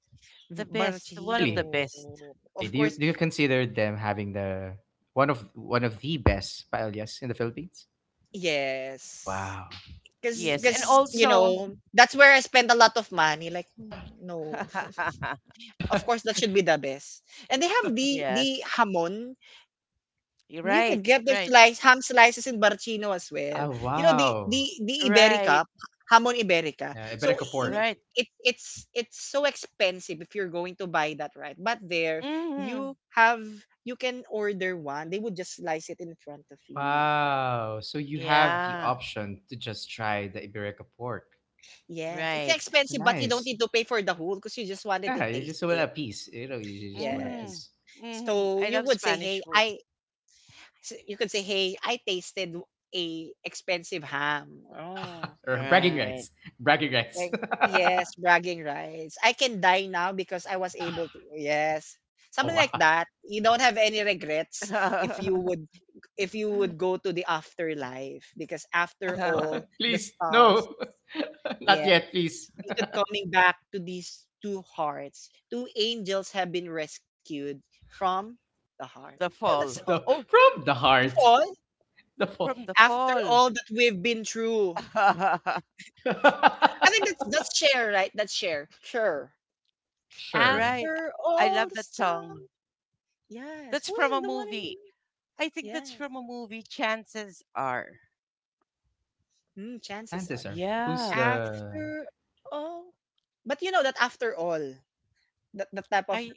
Speaker 3: The best. One of the
Speaker 2: Really,
Speaker 1: Barcino.
Speaker 3: best.
Speaker 2: really.
Speaker 1: Of
Speaker 2: Do you
Speaker 1: course,
Speaker 2: do you consider them having the one of the best paellas in the Philippines?
Speaker 1: yes.
Speaker 2: Wow.
Speaker 1: Because,
Speaker 3: Yes. And
Speaker 1: cause
Speaker 3: also
Speaker 1: that's where I spend a lot of money. Like,
Speaker 2: *laughs* Oh,
Speaker 1: hmm, no.
Speaker 3: *laughs*
Speaker 1: Of course, that should be the best. And they have the
Speaker 3: yes.
Speaker 1: hamon.
Speaker 3: You're
Speaker 1: You
Speaker 3: right,
Speaker 1: could get the
Speaker 3: right,
Speaker 1: slice ham slices in Barcino as well. You know,
Speaker 2: wow.
Speaker 1: the
Speaker 3: right,
Speaker 1: Iberica, hamon Iberica.
Speaker 2: Yeah,
Speaker 1: So
Speaker 2: Iberico pork.
Speaker 3: right.
Speaker 1: it's so expensive if you're going to buy that, right? But there, you
Speaker 3: Mm-hmm.
Speaker 1: have you can order one. They would just slice it in front of you.
Speaker 2: Wow. So you have the
Speaker 3: Yeah,
Speaker 2: option to just try the Iberico pork.
Speaker 1: Yes, it's
Speaker 3: right.
Speaker 2: That's
Speaker 1: expensive, but you don't
Speaker 2: nice.
Speaker 1: need to pay for the whole because you just wanted to
Speaker 2: Yeah, you
Speaker 1: taste
Speaker 2: just want a
Speaker 1: it.
Speaker 2: piece. You just want a piece.
Speaker 1: Yes.
Speaker 3: Mm-hmm. Mm-hmm.
Speaker 1: So
Speaker 3: I
Speaker 1: you
Speaker 3: love
Speaker 1: would say,
Speaker 3: Spanish
Speaker 1: hey,
Speaker 3: food.
Speaker 1: I. You could say, hey, I tasted a expensive ham. Oh.
Speaker 2: Or bragging
Speaker 3: Right.
Speaker 2: rights. *laughs* Bragging rights.
Speaker 1: Like, yes, bragging rights. I can die now because I was able
Speaker 2: *laughs*
Speaker 1: to. Yes. Something
Speaker 2: Oh,
Speaker 1: like
Speaker 2: wow.
Speaker 1: that. You don't have any regrets if you
Speaker 3: *laughs*
Speaker 1: would, go to the afterlife, because after all,
Speaker 2: *laughs*
Speaker 1: the
Speaker 2: Please,
Speaker 1: stars,
Speaker 2: no. *laughs* Not
Speaker 1: yeah,
Speaker 2: yet, please.
Speaker 1: we could, coming back to these two hearts. Two angels have been rescued from the heart.
Speaker 3: The
Speaker 1: You know the
Speaker 3: fall.
Speaker 2: From
Speaker 1: song.
Speaker 2: the
Speaker 3: Oh,
Speaker 2: from the
Speaker 1: *laughs*
Speaker 2: heart.
Speaker 1: All
Speaker 2: *laughs* The fault.
Speaker 3: from the
Speaker 1: after
Speaker 3: fall.
Speaker 1: all that we've been through.
Speaker 3: *laughs*
Speaker 1: I think that's
Speaker 2: *laughs*
Speaker 1: share, right? That's share. Sure.
Speaker 2: Sure.
Speaker 3: Right.
Speaker 1: After
Speaker 3: I
Speaker 1: all
Speaker 3: love
Speaker 1: the
Speaker 3: that
Speaker 1: stuff.
Speaker 3: song.
Speaker 1: Yes.
Speaker 3: That's
Speaker 1: Who's
Speaker 3: from
Speaker 1: the
Speaker 3: a
Speaker 1: one in?
Speaker 3: movie. I think that's
Speaker 1: Yes.
Speaker 3: from a movie. Chances are.
Speaker 1: Mm, chances are.
Speaker 2: Chances are, who's
Speaker 3: Yeah.
Speaker 2: the?
Speaker 1: After all. But you know that after all, that the type of
Speaker 3: I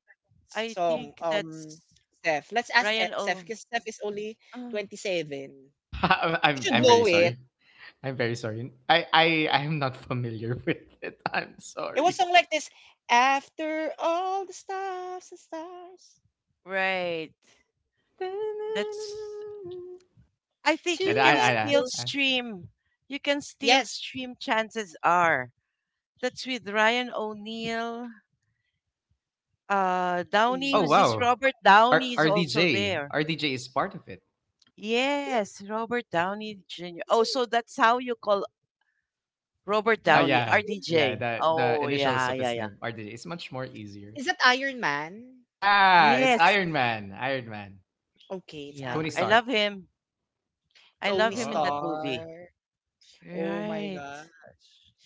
Speaker 3: I
Speaker 1: song,
Speaker 3: think that's
Speaker 1: Steph. Let's ask,
Speaker 3: Ryan
Speaker 1: Steph,
Speaker 3: O.
Speaker 1: because Steph is only
Speaker 3: Uh, *gasps*
Speaker 1: 27.
Speaker 2: *laughs*
Speaker 1: You
Speaker 2: I'm
Speaker 1: should
Speaker 2: I'm very
Speaker 1: know
Speaker 3: Oh,
Speaker 2: sorry.
Speaker 1: it.
Speaker 2: I'm very sorry. I'm not familiar *laughs* with it. I'm
Speaker 1: It was
Speaker 2: sorry.
Speaker 1: song like this. After all the stars and stars,
Speaker 3: right. That's I think you
Speaker 1: two
Speaker 3: can still
Speaker 1: angels.
Speaker 2: I
Speaker 3: stream. You can still
Speaker 1: Yes.
Speaker 3: stream chances are. That's with Ryan O'Neill, Downey,
Speaker 1: Mm.
Speaker 2: oh
Speaker 3: who's this
Speaker 2: wow.
Speaker 3: Robert
Speaker 2: R
Speaker 3: Downey is also
Speaker 2: RDJ
Speaker 3: there.
Speaker 2: RDJ is part of it.
Speaker 1: Is it,
Speaker 3: Yes, Robert Downey Jr.
Speaker 1: is
Speaker 3: Oh,
Speaker 1: it,
Speaker 3: so that's how you call Robert Downey,
Speaker 1: mm.
Speaker 2: Yeah, yeah,
Speaker 3: RDJ.
Speaker 2: the
Speaker 3: Oh
Speaker 2: initials
Speaker 3: yeah,
Speaker 2: of
Speaker 3: yeah,
Speaker 2: his
Speaker 3: yeah.
Speaker 2: name RDJ is much more easier.
Speaker 1: Is that Iron Man?
Speaker 2: Yeah, it's
Speaker 3: Yes.
Speaker 2: Iron Man. Iron Man.
Speaker 1: Okay, it's
Speaker 3: Yeah.
Speaker 2: Tony
Speaker 3: I
Speaker 1: Iron Man.
Speaker 2: Stark.
Speaker 3: love him. I love
Speaker 1: Tony
Speaker 3: him in that
Speaker 2: Oh,
Speaker 3: movie.
Speaker 1: Stark. Oh my
Speaker 3: Right.
Speaker 1: gosh.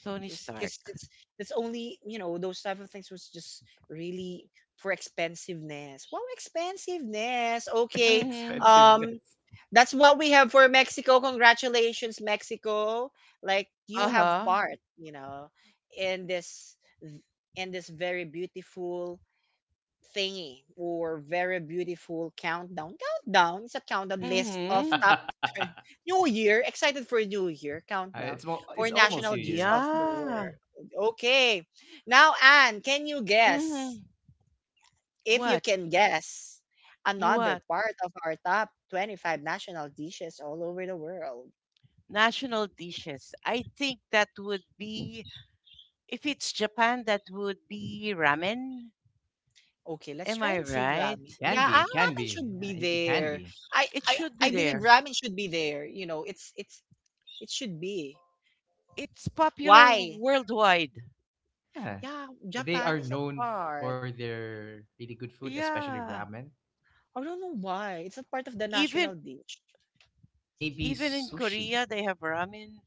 Speaker 3: Tony
Speaker 1: Because
Speaker 3: Stark.
Speaker 1: it's only, those type of things was just really for expensiveness. Wow, expensiveness.
Speaker 2: *laughs*
Speaker 1: Okay.
Speaker 3: Mm-hmm.
Speaker 1: Um,
Speaker 2: expensiveness.
Speaker 1: that's what we have for Mexico. Congratulations, Mexico. Like you have
Speaker 3: Uh-huh.
Speaker 1: part, in this, very beautiful thingy, or very beautiful countdown. Countdown is a countdown list of
Speaker 3: Mm-hmm.
Speaker 1: top 20
Speaker 2: *laughs*
Speaker 1: *laughs* New Year. Excited for New Year countdown
Speaker 2: It's well, it's
Speaker 1: for
Speaker 2: almost
Speaker 1: national
Speaker 2: New
Speaker 1: G's
Speaker 2: Year.
Speaker 1: of the
Speaker 3: Yeah.
Speaker 1: world. Okay. Now, Anne, can you guess?
Speaker 3: Hmm.
Speaker 1: If you
Speaker 3: What?
Speaker 1: can guess another
Speaker 3: What?
Speaker 1: part of our top 25 national dishes all over the world.
Speaker 3: National dishes. I think that would be, if it's Japan, that would be ramen.
Speaker 1: Okay, let's
Speaker 3: Am
Speaker 1: try
Speaker 3: I
Speaker 1: and
Speaker 2: Well,
Speaker 1: see
Speaker 3: right?
Speaker 2: it
Speaker 1: ramen.
Speaker 2: can
Speaker 1: Yeah,
Speaker 2: be.
Speaker 1: our
Speaker 2: It can
Speaker 1: ramen
Speaker 2: be.
Speaker 1: should
Speaker 2: Yeah,
Speaker 1: be
Speaker 2: it can
Speaker 1: there.
Speaker 2: be.
Speaker 3: It should be
Speaker 1: I believe
Speaker 3: there.
Speaker 1: ramen should be there. It should be.
Speaker 3: It's popular
Speaker 1: Why?
Speaker 3: worldwide.
Speaker 2: Yeah.
Speaker 1: Yeah,
Speaker 2: They
Speaker 1: Japan
Speaker 2: are
Speaker 1: is not
Speaker 2: known
Speaker 1: part.
Speaker 2: for their really good food, especially
Speaker 3: Yeah.
Speaker 2: ramen.
Speaker 1: I don't know why. It's not part of the
Speaker 3: Even
Speaker 1: national dish.
Speaker 2: Maybe
Speaker 3: even in
Speaker 2: sushi.
Speaker 3: Korea, they have ramen.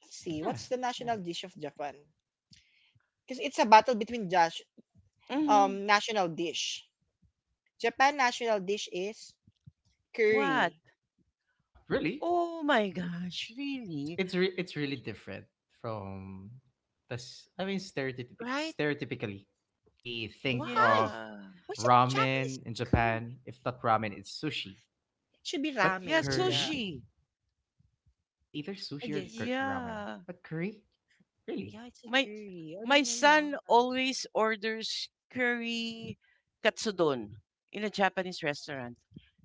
Speaker 1: Let's see,
Speaker 2: Yeah.
Speaker 1: what's the
Speaker 2: Yeah.
Speaker 1: national dish of Japan? Because it's a battle between Josh,
Speaker 3: Hmm.
Speaker 1: national dish. Japan national dish is
Speaker 3: What?
Speaker 1: curry,
Speaker 2: Really?
Speaker 3: Oh my gosh,
Speaker 2: It's
Speaker 3: really?
Speaker 2: it's re- it's really different from I mean,
Speaker 1: right?
Speaker 2: stereotypically, we think
Speaker 1: Why?
Speaker 2: of
Speaker 3: Yeah.
Speaker 1: Why is it Japanese
Speaker 2: ramen in
Speaker 1: curry?
Speaker 2: Japan. If not ramen, it's sushi.
Speaker 1: It should be
Speaker 2: But
Speaker 3: Yeah,
Speaker 1: ramen. Yeah,
Speaker 2: curry,
Speaker 3: sushi.
Speaker 2: it's either
Speaker 1: I
Speaker 2: sushi or
Speaker 1: guess.
Speaker 2: ramen.
Speaker 3: Yeah.
Speaker 2: But curry, really?
Speaker 1: Yeah, it's a
Speaker 3: My
Speaker 1: curry. I
Speaker 3: my
Speaker 1: don't know why.
Speaker 3: son always orders curry katsudon in a Japanese restaurant.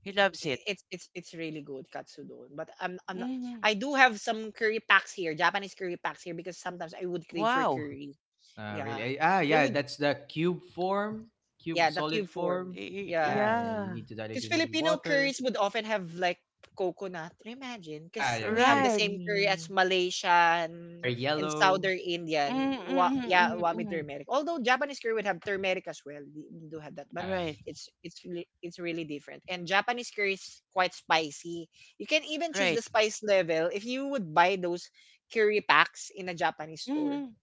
Speaker 3: He loves it.
Speaker 1: It's really good katsudon. But I'm not,
Speaker 3: Hmm.
Speaker 1: I do have some curry packs here, Japanese curry packs here, because sometimes I would crave for
Speaker 3: Wow.
Speaker 1: curry. Yeah,
Speaker 2: Really?
Speaker 1: there
Speaker 2: Yeah,
Speaker 1: would,
Speaker 2: that's the cube form,
Speaker 1: yeah,
Speaker 2: cube
Speaker 1: the
Speaker 2: solid
Speaker 1: cube form.
Speaker 2: form.
Speaker 1: Yeah,
Speaker 2: Yeah, yeah, you
Speaker 3: Yeah.
Speaker 2: need to dilute
Speaker 1: because
Speaker 2: it in
Speaker 1: Filipino
Speaker 2: water.
Speaker 1: curries would often have like coconut. Imagine,
Speaker 2: Yeah,
Speaker 1: because
Speaker 2: yeah,
Speaker 1: we have
Speaker 2: very
Speaker 1: the
Speaker 3: Right.
Speaker 1: same curry as
Speaker 2: creamy,
Speaker 1: Malaysian
Speaker 2: very
Speaker 1: and
Speaker 2: yellow.
Speaker 1: Southern Indian. Yeah, wami
Speaker 3: Mm-mm-mm-mm-mm.
Speaker 1: turmeric. Although Japanese curry would have turmeric as well. We do have that, but
Speaker 2: Yeah,
Speaker 3: Right.
Speaker 1: it's really different. And Japanese curry is quite spicy. You can even choose
Speaker 3: Right.
Speaker 1: the spice level if you would buy those curry packs in a Japanese store.
Speaker 3: Mm-hmm.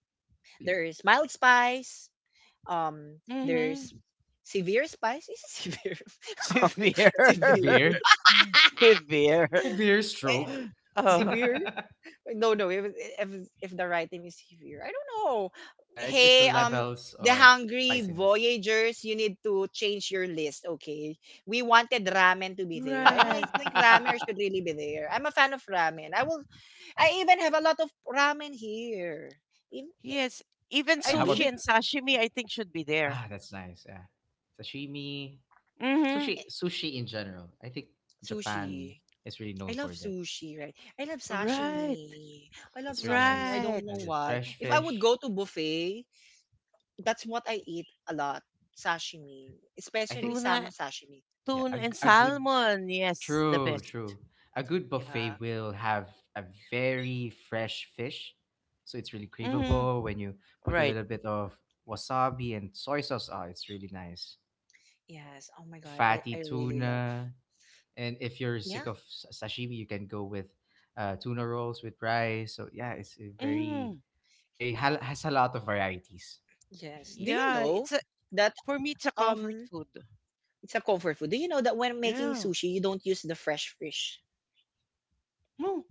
Speaker 2: really
Speaker 1: There is mild spice, there's
Speaker 3: Mm-hmm.
Speaker 1: severe spice. Is it severe? *laughs* Um,
Speaker 3: Severe.
Speaker 1: severe.
Speaker 2: severe,
Speaker 3: *laughs*
Speaker 1: *laughs*
Speaker 3: Severe.
Speaker 2: severe stroke.
Speaker 1: Eh,
Speaker 2: *laughs*
Speaker 3: *laughs* Oh,
Speaker 1: severe? No, no. If the right name is severe, I don't know.
Speaker 2: It's the
Speaker 1: Hey,
Speaker 2: levels
Speaker 1: the
Speaker 2: of
Speaker 1: hungry
Speaker 2: spiciness.
Speaker 1: voyagers, you need to change your list. Okay, we wanted ramen to be there, and I
Speaker 3: right.
Speaker 1: think
Speaker 2: *laughs*
Speaker 1: ramen should really be there. I'm a fan of ramen. I will. I even have a lot of ramen here. In
Speaker 3: Yes. Even
Speaker 2: Uh,
Speaker 1: I
Speaker 2: how
Speaker 1: do
Speaker 2: about
Speaker 3: sushi
Speaker 1: big
Speaker 3: and sashimi, I think, should be there.
Speaker 2: ah? That's nice. Yeah, sashimi,
Speaker 3: Mm-hmm.
Speaker 2: sushi, sushi in general. I think Japan
Speaker 1: sushi.
Speaker 2: is really
Speaker 1: I
Speaker 2: known
Speaker 1: love
Speaker 2: for that.
Speaker 1: sushi, right? I love
Speaker 3: Right.
Speaker 1: sashimi. I love
Speaker 2: That's really
Speaker 1: sashimi. I
Speaker 2: nice.
Speaker 1: don't know
Speaker 2: As
Speaker 3: Right.
Speaker 2: a
Speaker 1: why.
Speaker 2: fresh
Speaker 1: If I would
Speaker 2: fish,
Speaker 1: go to buffet, that's what I eat a lot. Sashimi,
Speaker 2: yeah, I
Speaker 1: especially
Speaker 2: think,
Speaker 1: salmon
Speaker 3: Tuna
Speaker 1: sashimi.
Speaker 2: yeah,
Speaker 3: Tuna
Speaker 2: a,
Speaker 3: and
Speaker 2: g- a good
Speaker 3: salmon. Yes, the
Speaker 2: true,
Speaker 3: best.
Speaker 2: true. A good
Speaker 1: Yeah.
Speaker 2: buffet will have a very fresh fish. So it's really
Speaker 3: Hmm.
Speaker 2: craveable when you put a
Speaker 3: Right.
Speaker 2: little bit of wasabi and soy sauce. Oh, it's really nice.
Speaker 1: Yes. Oh
Speaker 2: The
Speaker 1: my God. I,
Speaker 2: fatty
Speaker 1: I really love.
Speaker 2: tuna. And if you're
Speaker 1: Yeah.
Speaker 2: sick of sashimi, you can go with tuna rolls with rice. So yeah, it's a
Speaker 3: Hmm.
Speaker 2: very, very, has a lot of varieties.
Speaker 1: Yes. Do you
Speaker 3: Yeah,
Speaker 1: know
Speaker 3: it's a
Speaker 1: that
Speaker 3: for me it's a comfort
Speaker 1: um
Speaker 3: food.
Speaker 1: it's a comfort food? Do you know that when making
Speaker 3: Yeah.
Speaker 1: sushi, you don't use the fresh fish?
Speaker 3: Oh,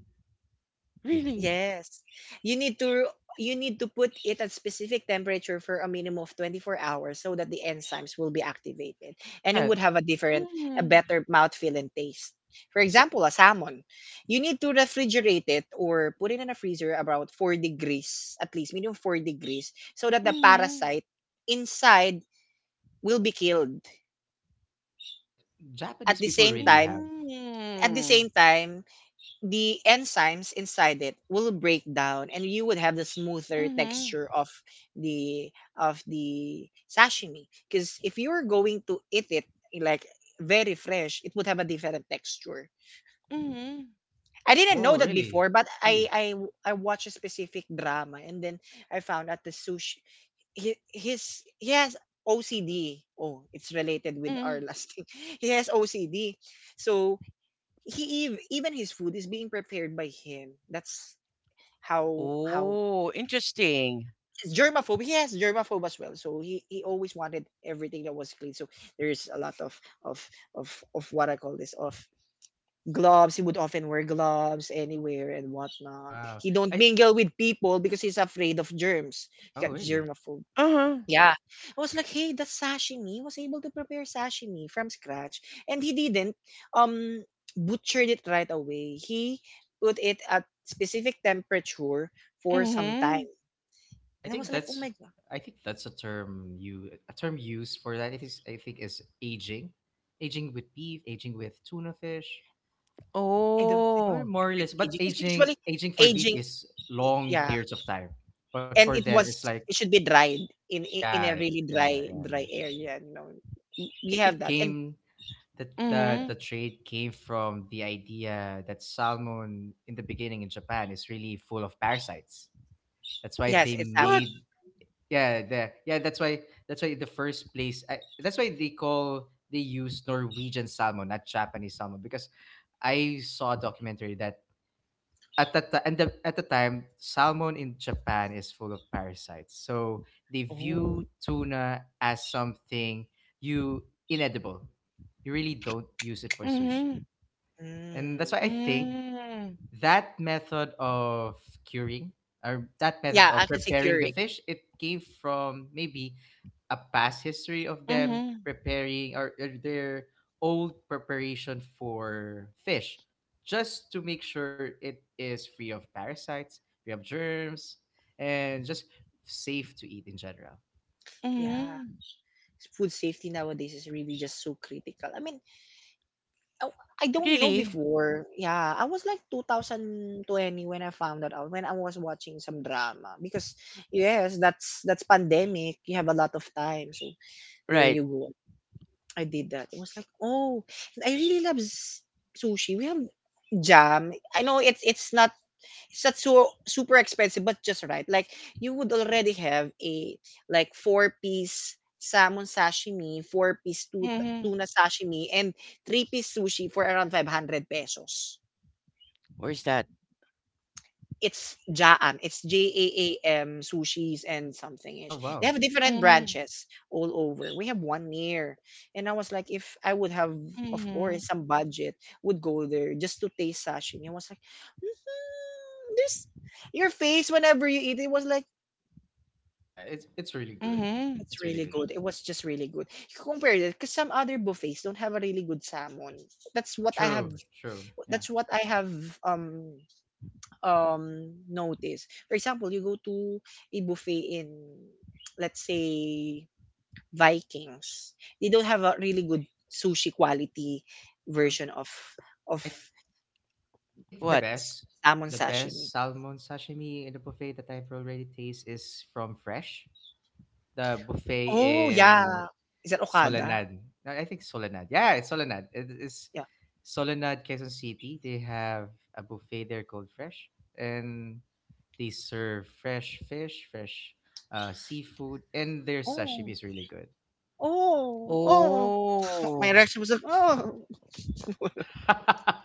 Speaker 2: Really?
Speaker 3: really?
Speaker 1: Yes. You need to you need to put it at specific temperature for a minimum of 24 hours so that the enzymes will be activated and it
Speaker 2: Yeah.
Speaker 1: would have a different a
Speaker 3: Mm-hmm.
Speaker 1: better mouthfeel and taste. For
Speaker 2: Yeah. So
Speaker 1: example, a salmon, you need to refrigerate it or put it in a freezer about 4 degrees, at least minimum 4 degrees so that the
Speaker 3: Mm-hmm.
Speaker 1: parasite inside will be killed. At
Speaker 2: Japanese
Speaker 1: the
Speaker 2: people
Speaker 1: same
Speaker 2: really
Speaker 1: time,
Speaker 2: have.
Speaker 1: at the
Speaker 3: Mm-hmm.
Speaker 1: same time the enzymes inside it will break down and you would have the smoother
Speaker 3: Mm-hmm.
Speaker 1: texture of the the sashimi, because if you were going to eat it like very fresh it would have a different texture.
Speaker 3: Mm-hmm.
Speaker 1: I didn't know
Speaker 2: Oh,
Speaker 1: that
Speaker 2: really?
Speaker 1: before, but i
Speaker 2: Really?
Speaker 1: i i watched a specific drama and then I found out the sushi he has ocd. Oh, it's related with our
Speaker 3: Mm-hmm.
Speaker 1: last thing. *laughs* He has ocd, so he even his food is being prepared by him. That's how
Speaker 3: Oh, interesting.
Speaker 1: he's germaphobe. He has germaphobe as well, so he always wanted everything that was clean. So there's a lot of of of what I call this of gloves. He would often wear gloves anywhere and whatnot.
Speaker 2: Wow.
Speaker 1: He don't
Speaker 2: I
Speaker 1: mingle with people because he's afraid of germs. He
Speaker 2: Oh,
Speaker 1: got
Speaker 2: really?
Speaker 1: germaphobe.
Speaker 3: Uh-huh.
Speaker 1: Yeah, I was like, hey, that's sashimi. He was able to prepare sashimi from scratch, and he didn't um butchered it right away. He put it at specific temperature for some time.
Speaker 3: Mm-hmm.
Speaker 2: I
Speaker 1: And I was
Speaker 2: think
Speaker 1: like, oh
Speaker 2: that's
Speaker 1: my God,
Speaker 2: I think that's a term, used for that. It is I think is aging, aging with beef, aging with tuna fish,
Speaker 1: I don't think
Speaker 2: or
Speaker 3: Oh.
Speaker 1: if
Speaker 2: more or
Speaker 1: it's
Speaker 2: less. But
Speaker 1: aging. Because usually
Speaker 2: aging for beef
Speaker 1: aging,
Speaker 2: is long
Speaker 1: yeah.
Speaker 2: periods of time. But for
Speaker 1: And it
Speaker 2: them, it's
Speaker 1: was,
Speaker 2: like
Speaker 1: it should be dried in a
Speaker 2: yeah,
Speaker 1: really
Speaker 2: yeah,
Speaker 1: dry,
Speaker 2: yeah,
Speaker 1: dry
Speaker 2: yeah.
Speaker 1: area. You know, Y-
Speaker 2: I
Speaker 1: we
Speaker 2: think
Speaker 1: have
Speaker 2: it
Speaker 1: that. And
Speaker 2: came that the
Speaker 3: Mm-hmm.
Speaker 2: the trade came from the idea that salmon in the beginning in Japan is really full of parasites. That's why
Speaker 1: yes,
Speaker 2: they
Speaker 1: it's salmon.
Speaker 3: What?
Speaker 2: made Yeah, yeah, that's why the first place, I, that's why they call they use Norwegian salmon, not Japanese salmon, because I saw a documentary that, at that ti- and the, at the time, salmon in Japan is full of parasites. So they
Speaker 1: Oh,
Speaker 2: view tuna as something, you inedible. You really don't use it for sushi.
Speaker 3: Mm-hmm.
Speaker 2: And that's
Speaker 1: mm.
Speaker 2: why I think
Speaker 3: Mm-hmm.
Speaker 2: that method of curing, or that method
Speaker 1: Yeah, I
Speaker 2: of
Speaker 1: can say
Speaker 2: preparing the
Speaker 1: Keurig.
Speaker 2: fish, it came from maybe a past history of them
Speaker 3: Mm-hmm.
Speaker 2: preparing, or their old preparation for fish, just to make sure it is free of parasites, free of germs, and just safe to eat in general.
Speaker 1: Yeah,
Speaker 3: Mm-hmm.
Speaker 1: food safety nowadays is really just so critical. I mean, I I don't know
Speaker 3: Really?
Speaker 1: before. Yeah, I was like 2020 when I found that out when I was watching some drama because yes, that's pandemic. You have a lot of time, so there
Speaker 3: Right.
Speaker 1: you go. I did that. It was like, oh, and I really love s- sushi. We have jam. I know it's not it's not so super expensive, but just right. Like you would already have a like 4 piece salmon sashimi, 4 piece tu-
Speaker 3: Mm-hmm.
Speaker 1: tuna sashimi, and 3 piece sushi for around 500 pesos.
Speaker 3: Where's that?
Speaker 1: It's Jaam. It's JAAM sushis and something
Speaker 2: Oh,
Speaker 1: ish. They
Speaker 2: wow.
Speaker 1: have different
Speaker 3: Mm.
Speaker 1: branches all over. We have one near, and I was like, if I would have, of course,
Speaker 3: Mhm,
Speaker 1: some budget, would go there just to taste sashimi. I was like, "Mhm, there's your face whenever you eat. It was like
Speaker 2: Yeah, it's really
Speaker 3: mhm,
Speaker 2: good.
Speaker 3: mhm.
Speaker 1: it's
Speaker 2: It's really
Speaker 1: really
Speaker 2: good.
Speaker 1: good. It was just really good. You compare it because some other buffets don't have a really good salmon. That's what I have.
Speaker 2: True, true. Yeah,
Speaker 1: That's what I have. Um, notice. For example, you go to a buffet in, let's say, Vikings. They don't have a really good sushi quality
Speaker 2: true.
Speaker 1: version of
Speaker 2: I I think the
Speaker 1: that
Speaker 3: What?
Speaker 1: s-
Speaker 2: best
Speaker 1: salmon
Speaker 2: the
Speaker 1: sashimi.
Speaker 2: best salmon sashimi in the buffet that I've already tasted is from Fresh, the buffet
Speaker 1: Oh
Speaker 2: in
Speaker 1: yeah, is that Okada?
Speaker 2: Solanad. No, I think Solanad. Yeah, it's Solanad. It is
Speaker 1: Yeah.
Speaker 2: Solanad, Quezon City. They have a buffet there called Fresh, and they serve fresh fish, fresh, seafood, and their
Speaker 1: Oh,
Speaker 2: sashimi is really good.
Speaker 1: oh, oh. My
Speaker 3: Oh.
Speaker 1: reaction was like, oh. *laughs*
Speaker 2: *laughs*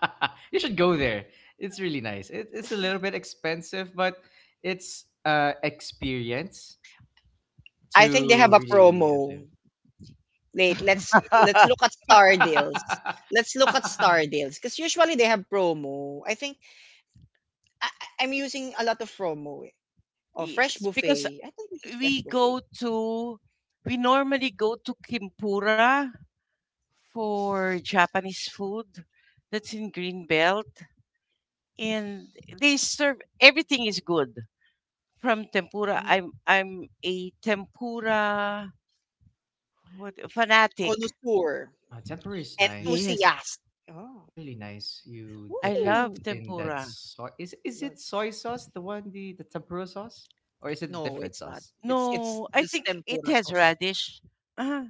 Speaker 2: You should go there. It's really nice. It's a little bit expensive, but it's experience
Speaker 1: I think they have
Speaker 2: to
Speaker 1: a
Speaker 2: really
Speaker 1: promo. Wait, let's look at
Speaker 3: *laughs*
Speaker 2: live.
Speaker 1: Star Deals. Let's
Speaker 2: *laughs*
Speaker 1: look at
Speaker 2: uh,
Speaker 1: Star Deals because usually they have promo. I think I, I- am using a lot of Romo, eh. Oh, Fresh
Speaker 3: Yes, because
Speaker 1: Buffet. I think this is Fresh
Speaker 3: we
Speaker 1: Buffet.
Speaker 3: go to we normally go to Kimpura for Japanese food. That's in Greenbelt, and they serve everything is good from tempura.
Speaker 1: Mm.
Speaker 3: I'm a tempura what, fanatic.
Speaker 1: Connoisseur.
Speaker 2: Tempura is nice.
Speaker 3: Yes,
Speaker 1: Enthusiast. Oh.
Speaker 2: It's really nice. You
Speaker 3: I
Speaker 2: dip it
Speaker 3: love
Speaker 1: Woo.
Speaker 2: in that
Speaker 3: tempura.
Speaker 2: soy. Is
Speaker 1: No,
Speaker 2: it soy sauce? The one the tempura sauce, or is it a
Speaker 1: no,
Speaker 2: different
Speaker 1: it's not.
Speaker 2: sauce?
Speaker 1: It's
Speaker 3: No, I
Speaker 1: just
Speaker 3: think it
Speaker 1: tempura
Speaker 3: has
Speaker 1: sauce.
Speaker 3: radish. Ah,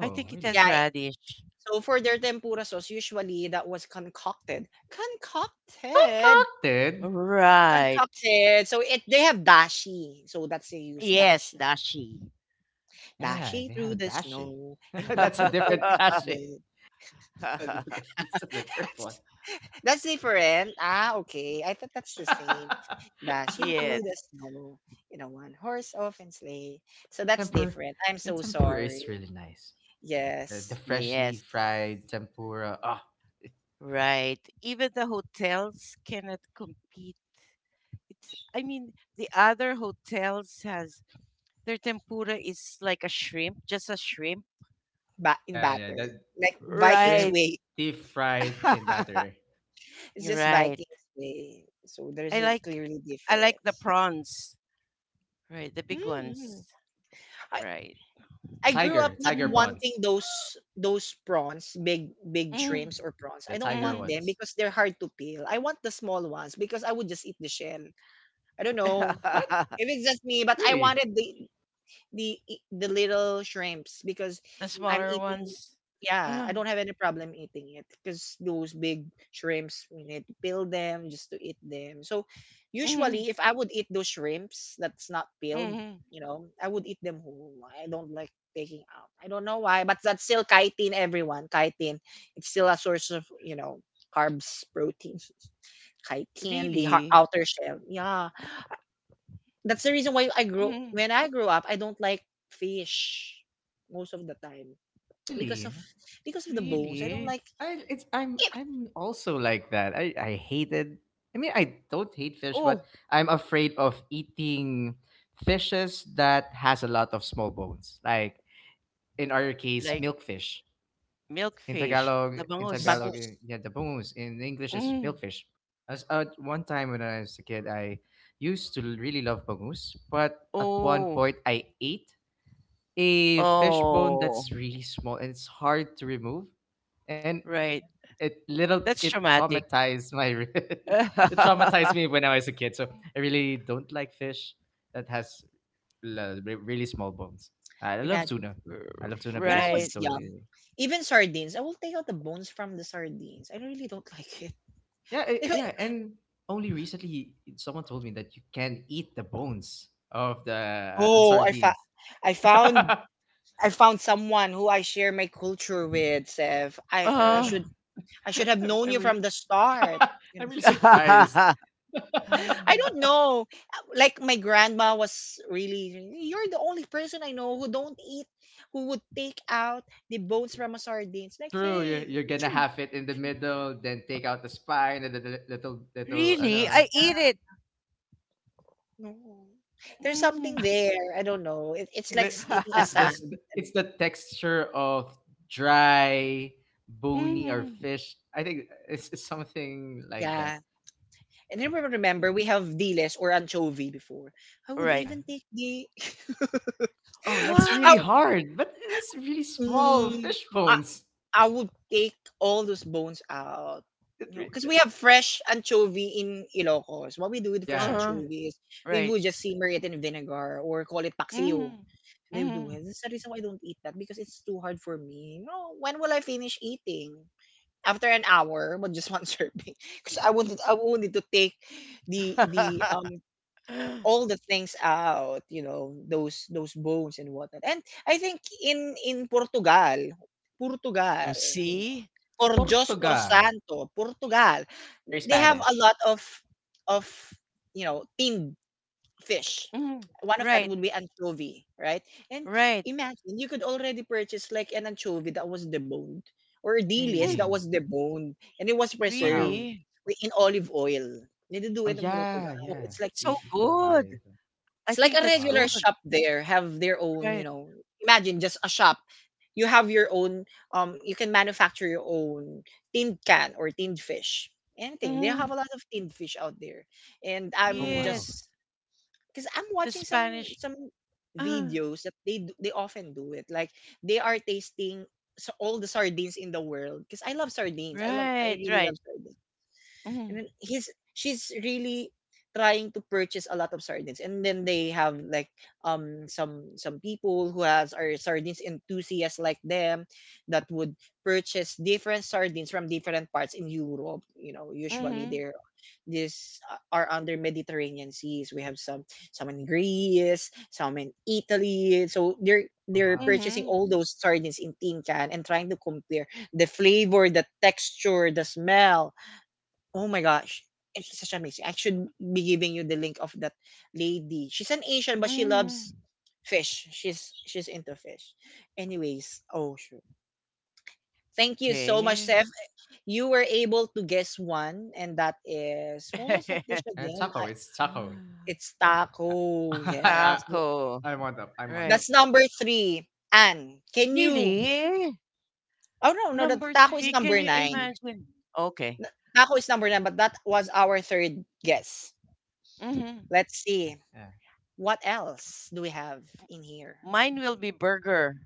Speaker 3: I think it
Speaker 2: really?
Speaker 3: has
Speaker 1: Yeah, eh,
Speaker 3: radish.
Speaker 1: so for their tempura sauce, usually that was concocted. Concocted.
Speaker 2: Concocted.
Speaker 3: Right.
Speaker 1: Concocted. So it they have dashi. So that's they use
Speaker 3: Yes,
Speaker 1: dashi.
Speaker 3: dashi.
Speaker 2: Yeah,
Speaker 1: Dashi
Speaker 2: they have
Speaker 1: through the
Speaker 2: dashi.
Speaker 1: snow in a
Speaker 2: *laughs*
Speaker 1: one
Speaker 2: That's a
Speaker 1: horse
Speaker 2: different
Speaker 3: *laughs*
Speaker 1: open
Speaker 2: dashi.
Speaker 1: sleigh.
Speaker 2: *laughs* That's a different
Speaker 1: *laughs*
Speaker 2: one.
Speaker 1: That's different. Ah, okay. I thought that's the same. Dashing
Speaker 2: *laughs*
Speaker 3: Yes.
Speaker 1: through the snow in a one horse open sleigh. So that's
Speaker 2: Tempura,
Speaker 1: different. I'm
Speaker 2: the
Speaker 1: so
Speaker 2: tempura
Speaker 1: sorry.
Speaker 2: is really nice. The
Speaker 1: Yes.
Speaker 2: freshly
Speaker 3: Yes.
Speaker 2: fried tempura. Oh,
Speaker 3: Right. Even the hotels cannot compete. It's I mean, the other hotels has their tempura is like a shrimp, just a shrimp.
Speaker 1: Ba- in
Speaker 2: yeah, yeah.
Speaker 1: batter.
Speaker 2: That
Speaker 1: Like Vikings
Speaker 2: shrimp
Speaker 3: Right.
Speaker 1: way.
Speaker 2: deep fried in
Speaker 3: *laughs*
Speaker 2: batter.
Speaker 1: It's just
Speaker 3: Right.
Speaker 1: Vikings way. So
Speaker 3: I
Speaker 1: there's a
Speaker 3: like
Speaker 1: clearly
Speaker 3: I like the
Speaker 1: difference.
Speaker 3: prawns. Right, the big ones.
Speaker 1: Hmm. I,
Speaker 3: Right.
Speaker 2: So
Speaker 1: I grew up not
Speaker 2: tiger
Speaker 3: Mm,
Speaker 1: wanting
Speaker 2: prawns,
Speaker 1: those prawns, big big shrimps
Speaker 3: mm,
Speaker 1: or prawns.
Speaker 2: the
Speaker 1: I don't
Speaker 2: tiger
Speaker 1: want
Speaker 3: mm.
Speaker 1: them
Speaker 2: ones.
Speaker 1: because they're hard to peel. I want the small ones because I would just eat the shell. I don't know
Speaker 2: What?
Speaker 1: if
Speaker 3: *laughs*
Speaker 1: it's just me, but I
Speaker 2: Really?
Speaker 1: wanted the e, the little shrimps because
Speaker 3: The
Speaker 1: I'm
Speaker 3: smaller
Speaker 1: eating.
Speaker 3: ones.
Speaker 1: Yeah,
Speaker 3: Uh,
Speaker 1: I don't have any problem eating it because those big shrimps, we need to peel them just to eat them. So
Speaker 3: mm,
Speaker 1: usually, if I would eat those shrimps that's not peeled,
Speaker 3: mm,
Speaker 1: you know, I would eat them whole. I don't like taking out. I don't know why, but that's still chitin. Everyone, chitin. It's still a source of you know carbs, protein, chitin, the har-
Speaker 3: really?
Speaker 1: outer shell. Yeah. That's the reason why I grow
Speaker 3: Mm,
Speaker 1: when I grow up, I don't like fish most of the time because of
Speaker 2: Really?
Speaker 1: because of the bones. I don't
Speaker 3: really?
Speaker 1: like
Speaker 2: I it's I'm
Speaker 1: it.
Speaker 2: I'm also like that. I hated. I mean, I don't hate fish, but
Speaker 3: Oh,
Speaker 2: I'm afraid of eating fishes that has a lot of small bones. Like in our case,
Speaker 3: like
Speaker 2: milkfish. In
Speaker 3: milkfish,
Speaker 2: Tagalog,
Speaker 3: the
Speaker 2: in
Speaker 3: bangus.
Speaker 2: Tagalog,
Speaker 1: Bangus.
Speaker 2: yeah, the bangus. In English, is
Speaker 3: Mm,
Speaker 2: milkfish. As at one time when I was a kid, I used to really love bangus, but at one
Speaker 3: oh,
Speaker 2: point I ate a fish bone
Speaker 3: oh,
Speaker 2: that's really small and it's hard to remove, and
Speaker 3: right.
Speaker 2: it little
Speaker 3: That's
Speaker 2: it
Speaker 3: traumatic.
Speaker 2: traumatized my *laughs*
Speaker 3: *laughs*
Speaker 2: it
Speaker 3: R-
Speaker 2: traumatized me when I was a kid. So I really don't like fish that has really small bones. I love
Speaker 1: Imagine
Speaker 2: tuna. I love tuna
Speaker 1: when I
Speaker 2: because
Speaker 1: was
Speaker 2: you
Speaker 3: right.
Speaker 2: don't
Speaker 1: young,
Speaker 2: really.
Speaker 1: even sardines, I will take out the bones from the sardines. I really don't like
Speaker 2: Yeah,
Speaker 1: it.
Speaker 2: yeah,
Speaker 1: *laughs*
Speaker 2: and only recently someone told me that you can eat the bones of the
Speaker 1: Oh, I fa-
Speaker 2: sardines.
Speaker 1: I
Speaker 2: *laughs*
Speaker 1: found I found someone who I share my culture with, Sev. I I
Speaker 2: Yeah,
Speaker 3: Uh,
Speaker 1: should I should have
Speaker 2: I'm,
Speaker 1: known
Speaker 2: I'm,
Speaker 1: you
Speaker 2: re-
Speaker 1: from the
Speaker 2: *laughs*
Speaker 1: start. You
Speaker 2: I'm really
Speaker 1: know?
Speaker 2: surprised.
Speaker 3: *laughs*
Speaker 1: I don't know. Like my grandma was really you're the only person I know who don't eat who would take out the bones
Speaker 2: *laughs*
Speaker 1: from a sardines. Like,
Speaker 2: True, you're,
Speaker 1: hey,
Speaker 2: you're
Speaker 1: it
Speaker 2: gonna have it in the
Speaker 1: should
Speaker 2: middle, then take out the spine and the little little. I
Speaker 3: really?
Speaker 2: know.
Speaker 3: I eat it.
Speaker 1: no.
Speaker 2: I
Speaker 1: There's something
Speaker 3: Mm.
Speaker 1: there. I don't know. It,
Speaker 2: I
Speaker 1: it's
Speaker 2: think
Speaker 1: like
Speaker 2: that
Speaker 1: s- eating a
Speaker 2: it's the
Speaker 3: *laughs*
Speaker 2: s-
Speaker 1: sand. I don't-
Speaker 2: it's the texture of dry, bony or
Speaker 3: Mm.
Speaker 2: fish. I think it's something like that.
Speaker 1: Yeah. And then remember, we have diles or anchovy before. I would
Speaker 3: Right.
Speaker 2: Yeah.
Speaker 1: even take the
Speaker 2: Oh, that's
Speaker 1: *laughs*
Speaker 3: What?
Speaker 1: I,
Speaker 2: really hard. But it's really
Speaker 1: w-
Speaker 2: small
Speaker 1: mm,
Speaker 2: fish bones.
Speaker 1: I would take all those bones out.
Speaker 2: It
Speaker 1: You know,
Speaker 2: re-
Speaker 1: because we have fresh anchovy in Ilocos. What we do
Speaker 2: oh
Speaker 1: with fresh
Speaker 2: yeah, yeah.
Speaker 3: Uh,
Speaker 1: anchovy is we
Speaker 3: right.
Speaker 1: would just simmer it in vinegar or call it paksiw.
Speaker 3: Mm.
Speaker 1: They would do
Speaker 3: Mm.
Speaker 1: it. That's the reason why I don't eat that because it's too hard for me. No, when will I finish eating? After an hour, but just one *laughs* serving, because I wanted to take the
Speaker 3: *laughs*
Speaker 1: all the things out, you know, those bones and whatnot. And I think in
Speaker 3: Oh,
Speaker 1: Portugal, you know,
Speaker 3: see?
Speaker 1: por Dios por
Speaker 2: Portugal.
Speaker 1: Santo, Portugal,
Speaker 2: Very
Speaker 1: they have a
Speaker 2: Spanish.
Speaker 1: lot of you know tinned fish.
Speaker 3: Mm,
Speaker 1: One of that
Speaker 3: right,
Speaker 1: would be anchovy, right? And
Speaker 3: right.
Speaker 1: imagine you could already purchase like an anchovy that was deboned or a delis
Speaker 3: Mm,
Speaker 1: that
Speaker 2: Really?
Speaker 1: was deboned and it was
Speaker 2: Wow.
Speaker 1: preserved
Speaker 3: really?
Speaker 1: wi- in olive oil. They do
Speaker 2: Oh
Speaker 1: it in Portugal.
Speaker 2: yeah,
Speaker 3: Oh,
Speaker 2: yeah.
Speaker 1: It's like
Speaker 3: that's
Speaker 2: You,
Speaker 3: so
Speaker 2: you can buy
Speaker 3: good.
Speaker 2: it.
Speaker 3: I
Speaker 1: it's like
Speaker 3: think
Speaker 1: a
Speaker 3: that's
Speaker 2: Uh,
Speaker 1: regular
Speaker 3: good.
Speaker 1: shop there have their own, you
Speaker 3: Right.
Speaker 1: know, imagine just a shop. You have your own you can manufacture your own tinned can or tinned fish. Anything. They
Speaker 3: Mm,
Speaker 1: have a lot of tinned fish out there. And
Speaker 2: oh
Speaker 1: I'm
Speaker 2: wow.
Speaker 3: yes.
Speaker 1: just cuz I'm
Speaker 3: The
Speaker 1: watching some
Speaker 3: Spanish.
Speaker 1: some
Speaker 3: Ah,
Speaker 1: videos that they do- they often do it. Like they are tasting so all the sardines in the world because I love sardines. I
Speaker 3: right,
Speaker 1: really
Speaker 3: right.
Speaker 1: love sardines and
Speaker 3: Mm,
Speaker 1: then he's she's really trying to purchase a lot of sardines and then they have like some people who has are sardines enthusiasts like them that would purchase different sardines from different parts in Europe, you know, usually
Speaker 3: mm-hmm,
Speaker 1: they're these are under Mediterranean seas. We have some in Greece, some in Italy, so they're
Speaker 2: Oh
Speaker 1: they're
Speaker 2: wow.
Speaker 1: purchasing
Speaker 3: mm-hmm,
Speaker 1: all those sardines in tin can and trying to compare the flavor, the texture, the smell. Oh my gosh. It's such amazing. I should be giving you the link of that lady. She's an Asian, but she
Speaker 3: mm-hmm.
Speaker 1: loves fish. She's into fish. Anyways, oh sure. Thank you so much,
Speaker 3: Okay.
Speaker 1: Seth. You were able to guess one, and that is what was that dish
Speaker 3: *laughs*
Speaker 1: again?
Speaker 2: Taco.
Speaker 1: I,
Speaker 2: It's taco.
Speaker 1: it's
Speaker 2: I, *laughs*
Speaker 1: taco.
Speaker 2: I I,
Speaker 1: Yes,
Speaker 3: Taco.
Speaker 2: I'm on top. I'm on top.
Speaker 3: Right.
Speaker 1: that's number 3. Anne, can you?
Speaker 3: Really?
Speaker 1: Oh no, no, the
Speaker 3: Number
Speaker 1: taco is
Speaker 3: three. Can
Speaker 1: number
Speaker 3: you
Speaker 1: nine.
Speaker 3: imagine? Okay.
Speaker 1: N- Taco is number 9, but that was our third guess.
Speaker 3: Mm-hmm.
Speaker 1: Let's
Speaker 2: Yeah,
Speaker 1: see.
Speaker 2: yeah.
Speaker 1: What else do we have in here?
Speaker 3: Mine will be burger.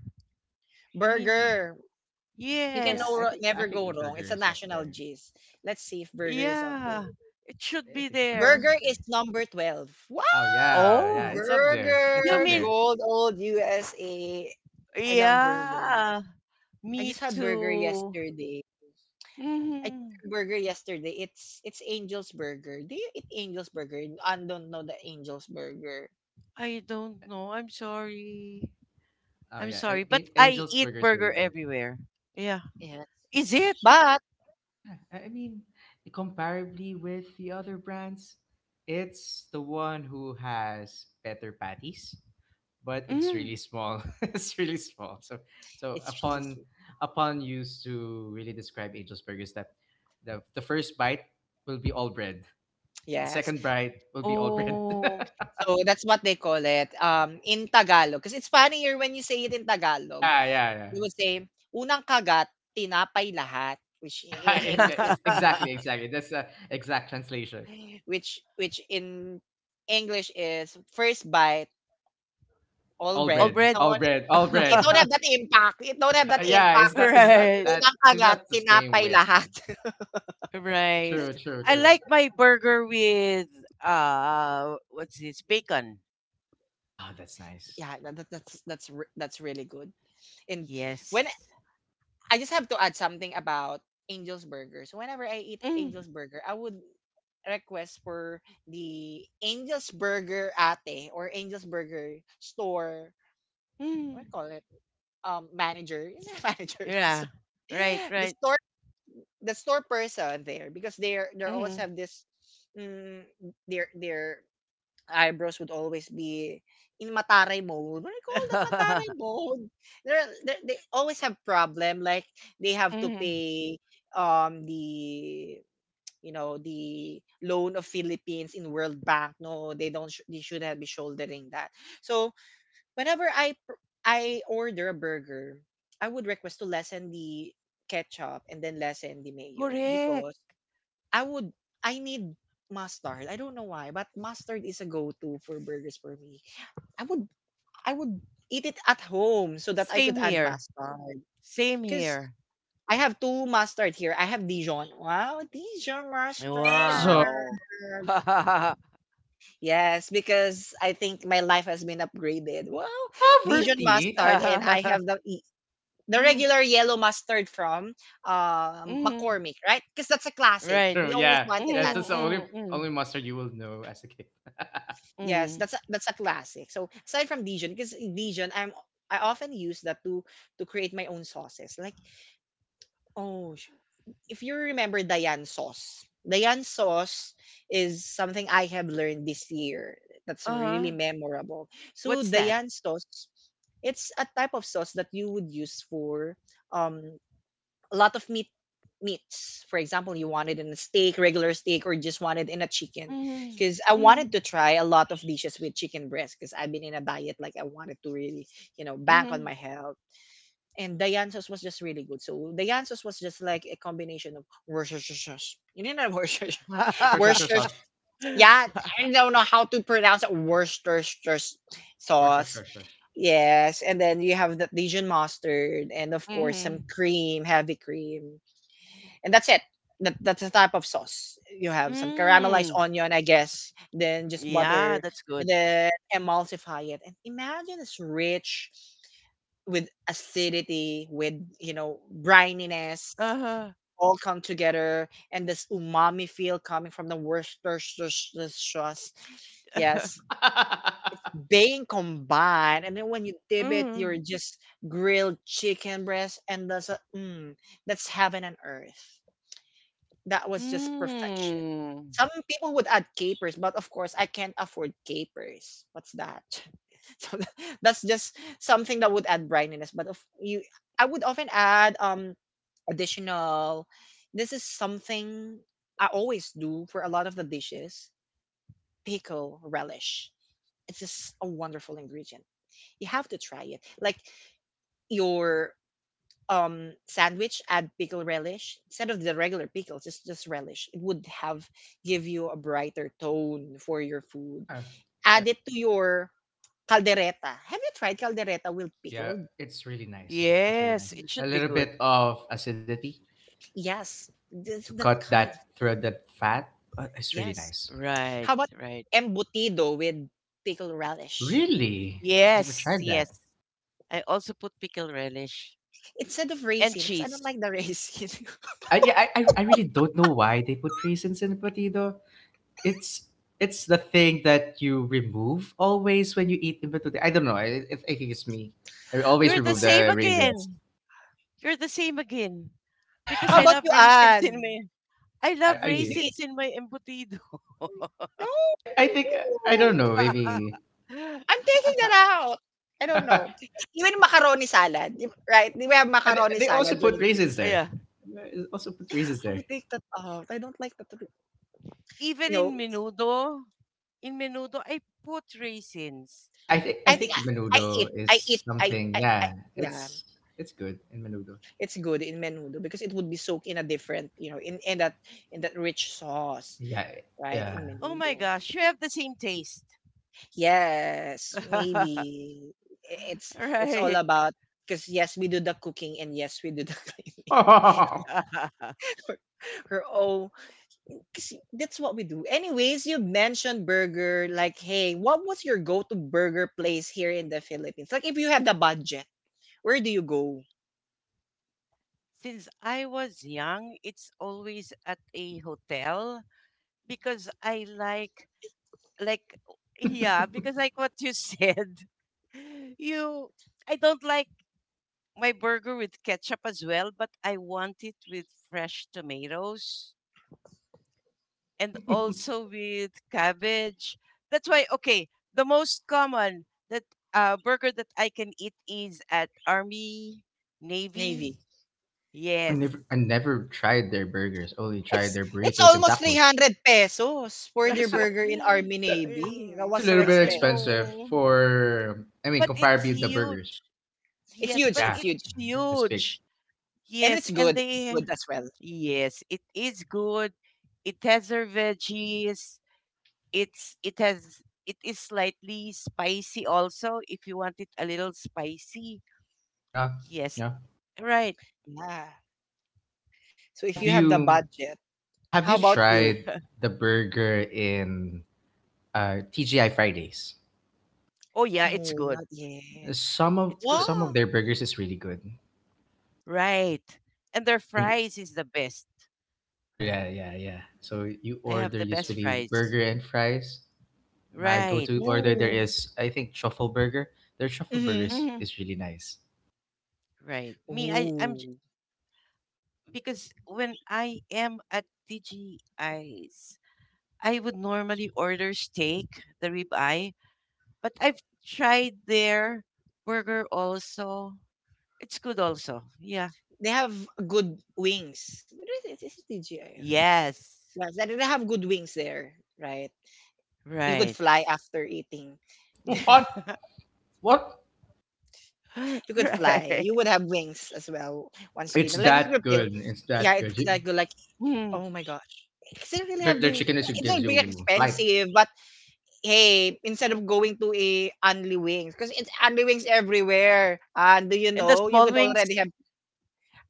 Speaker 3: I mean,
Speaker 1: Burger.
Speaker 2: I,
Speaker 1: You can no,
Speaker 2: yeah,
Speaker 3: yes.
Speaker 2: I
Speaker 1: wro-
Speaker 2: think I
Speaker 1: never
Speaker 2: think the
Speaker 1: go wrong.
Speaker 2: burger
Speaker 1: It's a
Speaker 2: is up
Speaker 1: national
Speaker 2: there.
Speaker 1: gist. Let's see if burger is up there.
Speaker 3: Yeah. It
Speaker 2: I
Speaker 3: should
Speaker 2: I
Speaker 3: be
Speaker 2: think the burger is
Speaker 3: there.
Speaker 1: Burger
Speaker 2: up there.
Speaker 1: is number 12. Wow!
Speaker 2: Oh yeah, yeah.
Speaker 3: Oh,
Speaker 2: It's up there. It's
Speaker 3: you
Speaker 2: up
Speaker 1: Burger.
Speaker 3: mean,
Speaker 2: there.
Speaker 1: Gold old USA. I love burger.
Speaker 3: yeah.
Speaker 1: I
Speaker 3: Me
Speaker 1: just had burger
Speaker 3: too.
Speaker 1: yesterday. I
Speaker 3: Mm,
Speaker 1: just had burger yesterday. It's Angel's Burger. Do you eat Angel's Burger? I don't know the Angel's Burger.
Speaker 3: I don't
Speaker 2: Yeah.
Speaker 3: know. I'm sorry.
Speaker 2: Oh
Speaker 3: I'm
Speaker 2: yeah.
Speaker 3: sorry. But I
Speaker 2: Angel's
Speaker 3: eat
Speaker 2: burger is really
Speaker 3: burger
Speaker 2: good.
Speaker 3: everywhere. Yeah.
Speaker 1: Yeah.
Speaker 3: Is it?
Speaker 1: But
Speaker 2: Yeah, I mean, comparably with the other brands, it's the one who has better patties, but it's
Speaker 3: Mm.
Speaker 2: really small. *laughs* It's really small. So,
Speaker 1: it's really
Speaker 2: upon
Speaker 1: sweet.
Speaker 2: upon use to really describe Angel's Burgers, that the first bite will be all bread. The
Speaker 1: Yes.
Speaker 2: second bite will be all bread.
Speaker 3: Oh.
Speaker 2: *laughs*
Speaker 1: So that's what they call it in Tagalog, because it's funnier when you say it in Tagalog.
Speaker 2: Yeah, yeah, yeah,
Speaker 1: You would say, unang kagat, tinapay lahat. Which
Speaker 2: yeah. *laughs*
Speaker 1: in
Speaker 2: Yeah, yeah,
Speaker 1: English is,
Speaker 2: it's
Speaker 3: *laughs*
Speaker 2: exactly, exactly. That's the exact translation.
Speaker 1: which in English is first bite, all
Speaker 2: All
Speaker 3: All
Speaker 1: bread.
Speaker 2: bread,
Speaker 3: bread.
Speaker 1: No,
Speaker 2: all bread, all
Speaker 1: it
Speaker 2: bread.
Speaker 1: don't have that
Speaker 3: *laughs*
Speaker 1: impact. It don't have that
Speaker 2: Yeah, it's
Speaker 1: impact.
Speaker 2: not it's not
Speaker 3: Right.
Speaker 2: that.
Speaker 1: Unang
Speaker 2: It's
Speaker 1: kagat,
Speaker 2: not the same
Speaker 1: tinapay
Speaker 2: with
Speaker 1: lahat. *laughs*
Speaker 3: Right.
Speaker 2: true, true,
Speaker 3: I
Speaker 2: true.
Speaker 3: like my burger with what's this? Bacon.
Speaker 2: Ah, that's nice.
Speaker 1: Yeah, that's really good. And when
Speaker 3: Yes.
Speaker 1: I just have to add something about Angel's Burger. So whenever I eat Angel's Burger, I would request for the Angel's Burger ate or Angel's Burger store. What
Speaker 3: Mm.
Speaker 1: do you call it? Manager. Is it *laughs* manager? *laughs* So,
Speaker 3: Yeah. Right,
Speaker 1: the
Speaker 3: right.
Speaker 1: store, the store person there because they are also
Speaker 3: Mm.
Speaker 1: have this. Mm, their eyebrows would always be in mataray mode. What do you call that? Mataray
Speaker 3: *laughs*
Speaker 1: mode. They always have problem. Like they have to
Speaker 3: Mm.
Speaker 1: pay the, you know, the loan of Philippines in World Bank. No, they don't. They should have be shouldering that. So whenever I order a burger, I would request to lessen the ketchup and then lessen the mayo
Speaker 3: Correct.
Speaker 1: because I would, I need mustard. I don't know why, but mustard is a go-to for burgers for me. I would I would eat it at home so that I
Speaker 3: Same
Speaker 1: could add
Speaker 3: here.
Speaker 1: mustard.
Speaker 3: Same
Speaker 1: Cause
Speaker 3: here.
Speaker 1: I have two mustard here. I have Dijon. Wow, Dijon mustard.
Speaker 2: Asia,
Speaker 3: Wow. *laughs*
Speaker 1: Yes, because I think my life has been upgraded. Wow, Dijon
Speaker 2: poverty.
Speaker 1: mustard, and I have the regular yellow mustard from
Speaker 3: Mm.
Speaker 1: McCormick, right? Because that's a classic.
Speaker 3: Right.
Speaker 2: True,
Speaker 1: We always
Speaker 2: yeah.
Speaker 3: Mm,
Speaker 1: wanted
Speaker 2: Yeah, it's
Speaker 1: that.
Speaker 2: just the only
Speaker 3: mm, mm,
Speaker 2: only mustard you will know as a kid.
Speaker 1: Yes,
Speaker 3: mm.
Speaker 1: that's a classic. So aside from Dijon, because Dijon, I'm I often use that to create my own sauces. Like oh, sh- if you remember Diane sauce is something I have learned this year. That's really
Speaker 3: Uh-huh.
Speaker 1: memorable. So
Speaker 3: What's that?
Speaker 1: Diane sauce, it's a type of sauce that you would use for um a lot of meats. For example, you wanted in a steak, regular steak, or just wanted in a chicken,
Speaker 3: Mm,
Speaker 1: because I
Speaker 3: mm,
Speaker 1: wanted to try a lot of dishes with chicken breast. Because I've been in a diet, like I wanted to really, you know, bank on
Speaker 3: mm.
Speaker 1: my health. And Dianzas was just really good. So Dianzas was just like a combination of Worcestershire. You know *laughs* that Worcestershire.
Speaker 2: Or shush shush shush
Speaker 3: *laughs*
Speaker 1: Worcestershire.
Speaker 2: shush.
Speaker 1: Yeah, I don't know how to pronounce it. Worcestershire
Speaker 2: Or shush
Speaker 1: sauce.
Speaker 2: shush shush.
Speaker 1: Yes, and then you have the Dijon mustard, and of course some
Speaker 3: Mm.
Speaker 1: cream, heavy cream, and that's it. That's the type of sauce. You have some caramelized
Speaker 3: Mm.
Speaker 1: onion, I guess, then just
Speaker 3: Yeah,
Speaker 1: butter,
Speaker 3: that's good.
Speaker 1: and then emulsify it. And imagine it's rich with acidity, with, you know, brininess,
Speaker 3: Uh-huh.
Speaker 1: all come together, and this umami feel coming from the Worcestershire sauce. Yes,
Speaker 3: *laughs*
Speaker 2: *laughs*
Speaker 1: being combined, and then when you dip it, you're
Speaker 3: Mm.
Speaker 1: just grilled chicken breast, and that's, a, mm, that's heaven and earth. That was just perfection.
Speaker 3: Mm.
Speaker 1: Some people would add capers, but of course I can't afford capers. What's that? *laughs* So tha- that's just something that would add brininess. But if you, I would often add additional. This is something I always do for a lot of the dishes. Pickle relish. It's just a wonderful ingredient. You have to try it. Like your sandwich, add pickle relish instead of the regular pickles, just relish. It would have give you a brighter tone for your food.
Speaker 2: Yeah. Yeah.
Speaker 1: Add it to your caldereta. Have you tried caldereta with
Speaker 2: Yeah,
Speaker 1: pickle?
Speaker 2: it's really nice. It's really
Speaker 3: Yes,
Speaker 2: nice.
Speaker 3: it
Speaker 2: A
Speaker 3: should be
Speaker 2: little
Speaker 3: good.
Speaker 2: bit of acidity
Speaker 1: Yes,
Speaker 2: to
Speaker 1: this, that
Speaker 2: cut
Speaker 1: kind of,
Speaker 2: that thread that fat, but it's really
Speaker 1: yes.
Speaker 2: nice.
Speaker 3: Right,
Speaker 1: How about
Speaker 3: right.
Speaker 1: embutido with pickle relish
Speaker 2: Really? Never
Speaker 3: Yes,
Speaker 2: tried that.
Speaker 3: yes. I also put pickle relish
Speaker 1: instead of
Speaker 3: and
Speaker 1: raisin, because I don't
Speaker 3: cheese.
Speaker 1: like the raisin. *laughs*
Speaker 2: Yeah, yeah, I really don't know why they put raisins in potato. It's it's the thing that you remove always when you eat in potato. I don't know. I think it's me. I
Speaker 1: I
Speaker 2: always
Speaker 1: don't,
Speaker 3: You're the
Speaker 2: remove
Speaker 3: same
Speaker 2: the raisins.
Speaker 3: again. You're the same again. Because
Speaker 1: how about you,
Speaker 2: *laughs*
Speaker 1: Anne,
Speaker 3: I
Speaker 2: Yeah,
Speaker 3: love
Speaker 2: hear
Speaker 1: you
Speaker 2: you.
Speaker 1: eat?
Speaker 3: raisins in my embutido.
Speaker 2: I think. I don't
Speaker 1: No,
Speaker 2: know. Maybe.
Speaker 1: I'm
Speaker 3: *laughs*
Speaker 1: taking that out. I don't
Speaker 2: *laughs* Yeah,
Speaker 1: know. Even macaroni salad, if- right? We have
Speaker 2: they,
Speaker 1: macaroni
Speaker 2: they also
Speaker 1: salad
Speaker 2: put
Speaker 1: during Christmas.
Speaker 2: raisins there.
Speaker 3: Yeah.
Speaker 2: They also put
Speaker 1: I
Speaker 2: raisins
Speaker 1: would
Speaker 2: there.
Speaker 1: take that out. I don't like that. You
Speaker 3: Even
Speaker 1: know,
Speaker 3: in menudo, I put raisins.
Speaker 2: Yeah, I think I
Speaker 1: I think
Speaker 2: think
Speaker 1: I eat.
Speaker 2: menudo is
Speaker 1: I eat.
Speaker 2: something.
Speaker 1: I.
Speaker 2: Yeah,
Speaker 1: Yeah,
Speaker 2: it's good in menudo.
Speaker 1: it's good in menudo because it would be soaked in a different, you know, in that rich sauce,
Speaker 2: Yeah,
Speaker 1: right?
Speaker 2: yeah.
Speaker 1: In
Speaker 3: Oh my
Speaker 1: menudo.
Speaker 3: gosh, you have the same taste.
Speaker 1: Yes,
Speaker 3: *laughs*
Speaker 1: maybe it's all
Speaker 3: Right.
Speaker 1: about, because yes, we do the cooking and yes, we do the *laughs* cleaning.
Speaker 3: *laughs*
Speaker 1: We're, we're all, 'cause that's what we do. Anyways, you mentioned burger. Like, hey, what was your go-to burger place here in the Philippines? Like, if you had the budget, where do you go,
Speaker 3: Since I was young, it's always at a hotel because I like yeah, because like what you said, *laughs* you I don't like my burger with ketchup as well, but I want it with fresh tomatoes and
Speaker 2: *laughs*
Speaker 3: also with cabbage. That's why okay, the most common that burger that I can eat is at Army,
Speaker 1: Navy?
Speaker 3: Navy.
Speaker 2: Oh, I
Speaker 3: Yes.
Speaker 2: never, I never tried their burgers. Only tried
Speaker 1: It's
Speaker 2: their
Speaker 1: it's
Speaker 2: burritos and
Speaker 1: almost
Speaker 2: tacos.
Speaker 1: 300 pesos for their
Speaker 2: It's a,
Speaker 1: burger in
Speaker 3: *laughs*
Speaker 1: Army
Speaker 2: that's a,
Speaker 1: Navy. That
Speaker 2: it's a
Speaker 1: was so
Speaker 2: little
Speaker 3: Yeah,
Speaker 2: bit
Speaker 3: I
Speaker 1: expensive.
Speaker 2: expensive
Speaker 3: know.
Speaker 2: for. I mean,
Speaker 3: But it's
Speaker 2: comparably with the burgers.
Speaker 3: huge.
Speaker 1: It's
Speaker 3: Yes,
Speaker 1: huge.
Speaker 3: but
Speaker 2: Yeah,
Speaker 1: It's huge.
Speaker 3: it's
Speaker 2: it's big.
Speaker 3: huge.
Speaker 1: And
Speaker 3: Yes,
Speaker 1: it's
Speaker 3: and
Speaker 1: good.
Speaker 3: they,
Speaker 1: Good as well.
Speaker 3: yes, it is good. It has their veggies. It's, it has, it is slightly spicy also if you want it a little spicy.
Speaker 2: No,
Speaker 3: Yes,
Speaker 2: no.
Speaker 3: right.
Speaker 1: Yeah. So if
Speaker 2: Have
Speaker 1: you have the
Speaker 2: you
Speaker 1: budget,
Speaker 2: have you
Speaker 1: how about
Speaker 2: tried
Speaker 1: you?
Speaker 2: the burger in TGI Fridays?
Speaker 3: Oh, yeah, it's
Speaker 1: No,
Speaker 3: good.
Speaker 1: not yet.
Speaker 2: Some of
Speaker 3: It's good.
Speaker 2: some of
Speaker 1: Wow.
Speaker 2: their burgers is really good,
Speaker 3: Right. And their
Speaker 2: I think.
Speaker 3: fries is the best.
Speaker 2: Oh yeah, yeah, yeah. So you
Speaker 3: They have
Speaker 2: order
Speaker 3: the best
Speaker 2: usually
Speaker 3: fries.
Speaker 2: burger and fries. My
Speaker 3: Right.
Speaker 2: go-to order there
Speaker 1: Oh.
Speaker 2: is, I think, truffle burger. Their truffle
Speaker 1: Mm-hmm.
Speaker 2: burgers
Speaker 3: Hmm.
Speaker 2: is really nice.
Speaker 3: Right. Me, I, I'm
Speaker 1: Oh.
Speaker 3: because when I am at TGI's, I would normally order steak, the ribeye, but I've tried their burger also. It's good also. Yeah.
Speaker 1: They have good wings. What is it? Is it TGIF?
Speaker 3: Yes.
Speaker 1: Yes, they have good wings there, right? You could
Speaker 3: Right.
Speaker 1: fly after eating. *laughs*
Speaker 2: What?
Speaker 3: *laughs*
Speaker 2: What?
Speaker 1: You could fly.
Speaker 3: Right.
Speaker 1: You would have wings as well once you eat
Speaker 2: It's
Speaker 1: it. Like you
Speaker 2: that
Speaker 1: could feel.
Speaker 2: good. It's
Speaker 1: Yeah,
Speaker 2: that
Speaker 1: it's
Speaker 2: good.
Speaker 1: like good. Like
Speaker 3: Mm.
Speaker 1: oh my god, it's not really have
Speaker 2: Their
Speaker 1: to.
Speaker 2: chicken is what
Speaker 1: It's
Speaker 2: gives
Speaker 1: not big
Speaker 2: you light
Speaker 1: expensive, but hey, instead of going to a Anli Wings, because it's Anli Wings everywhere. And do you
Speaker 3: And the
Speaker 1: know you
Speaker 3: small
Speaker 1: could
Speaker 3: wings.
Speaker 1: already have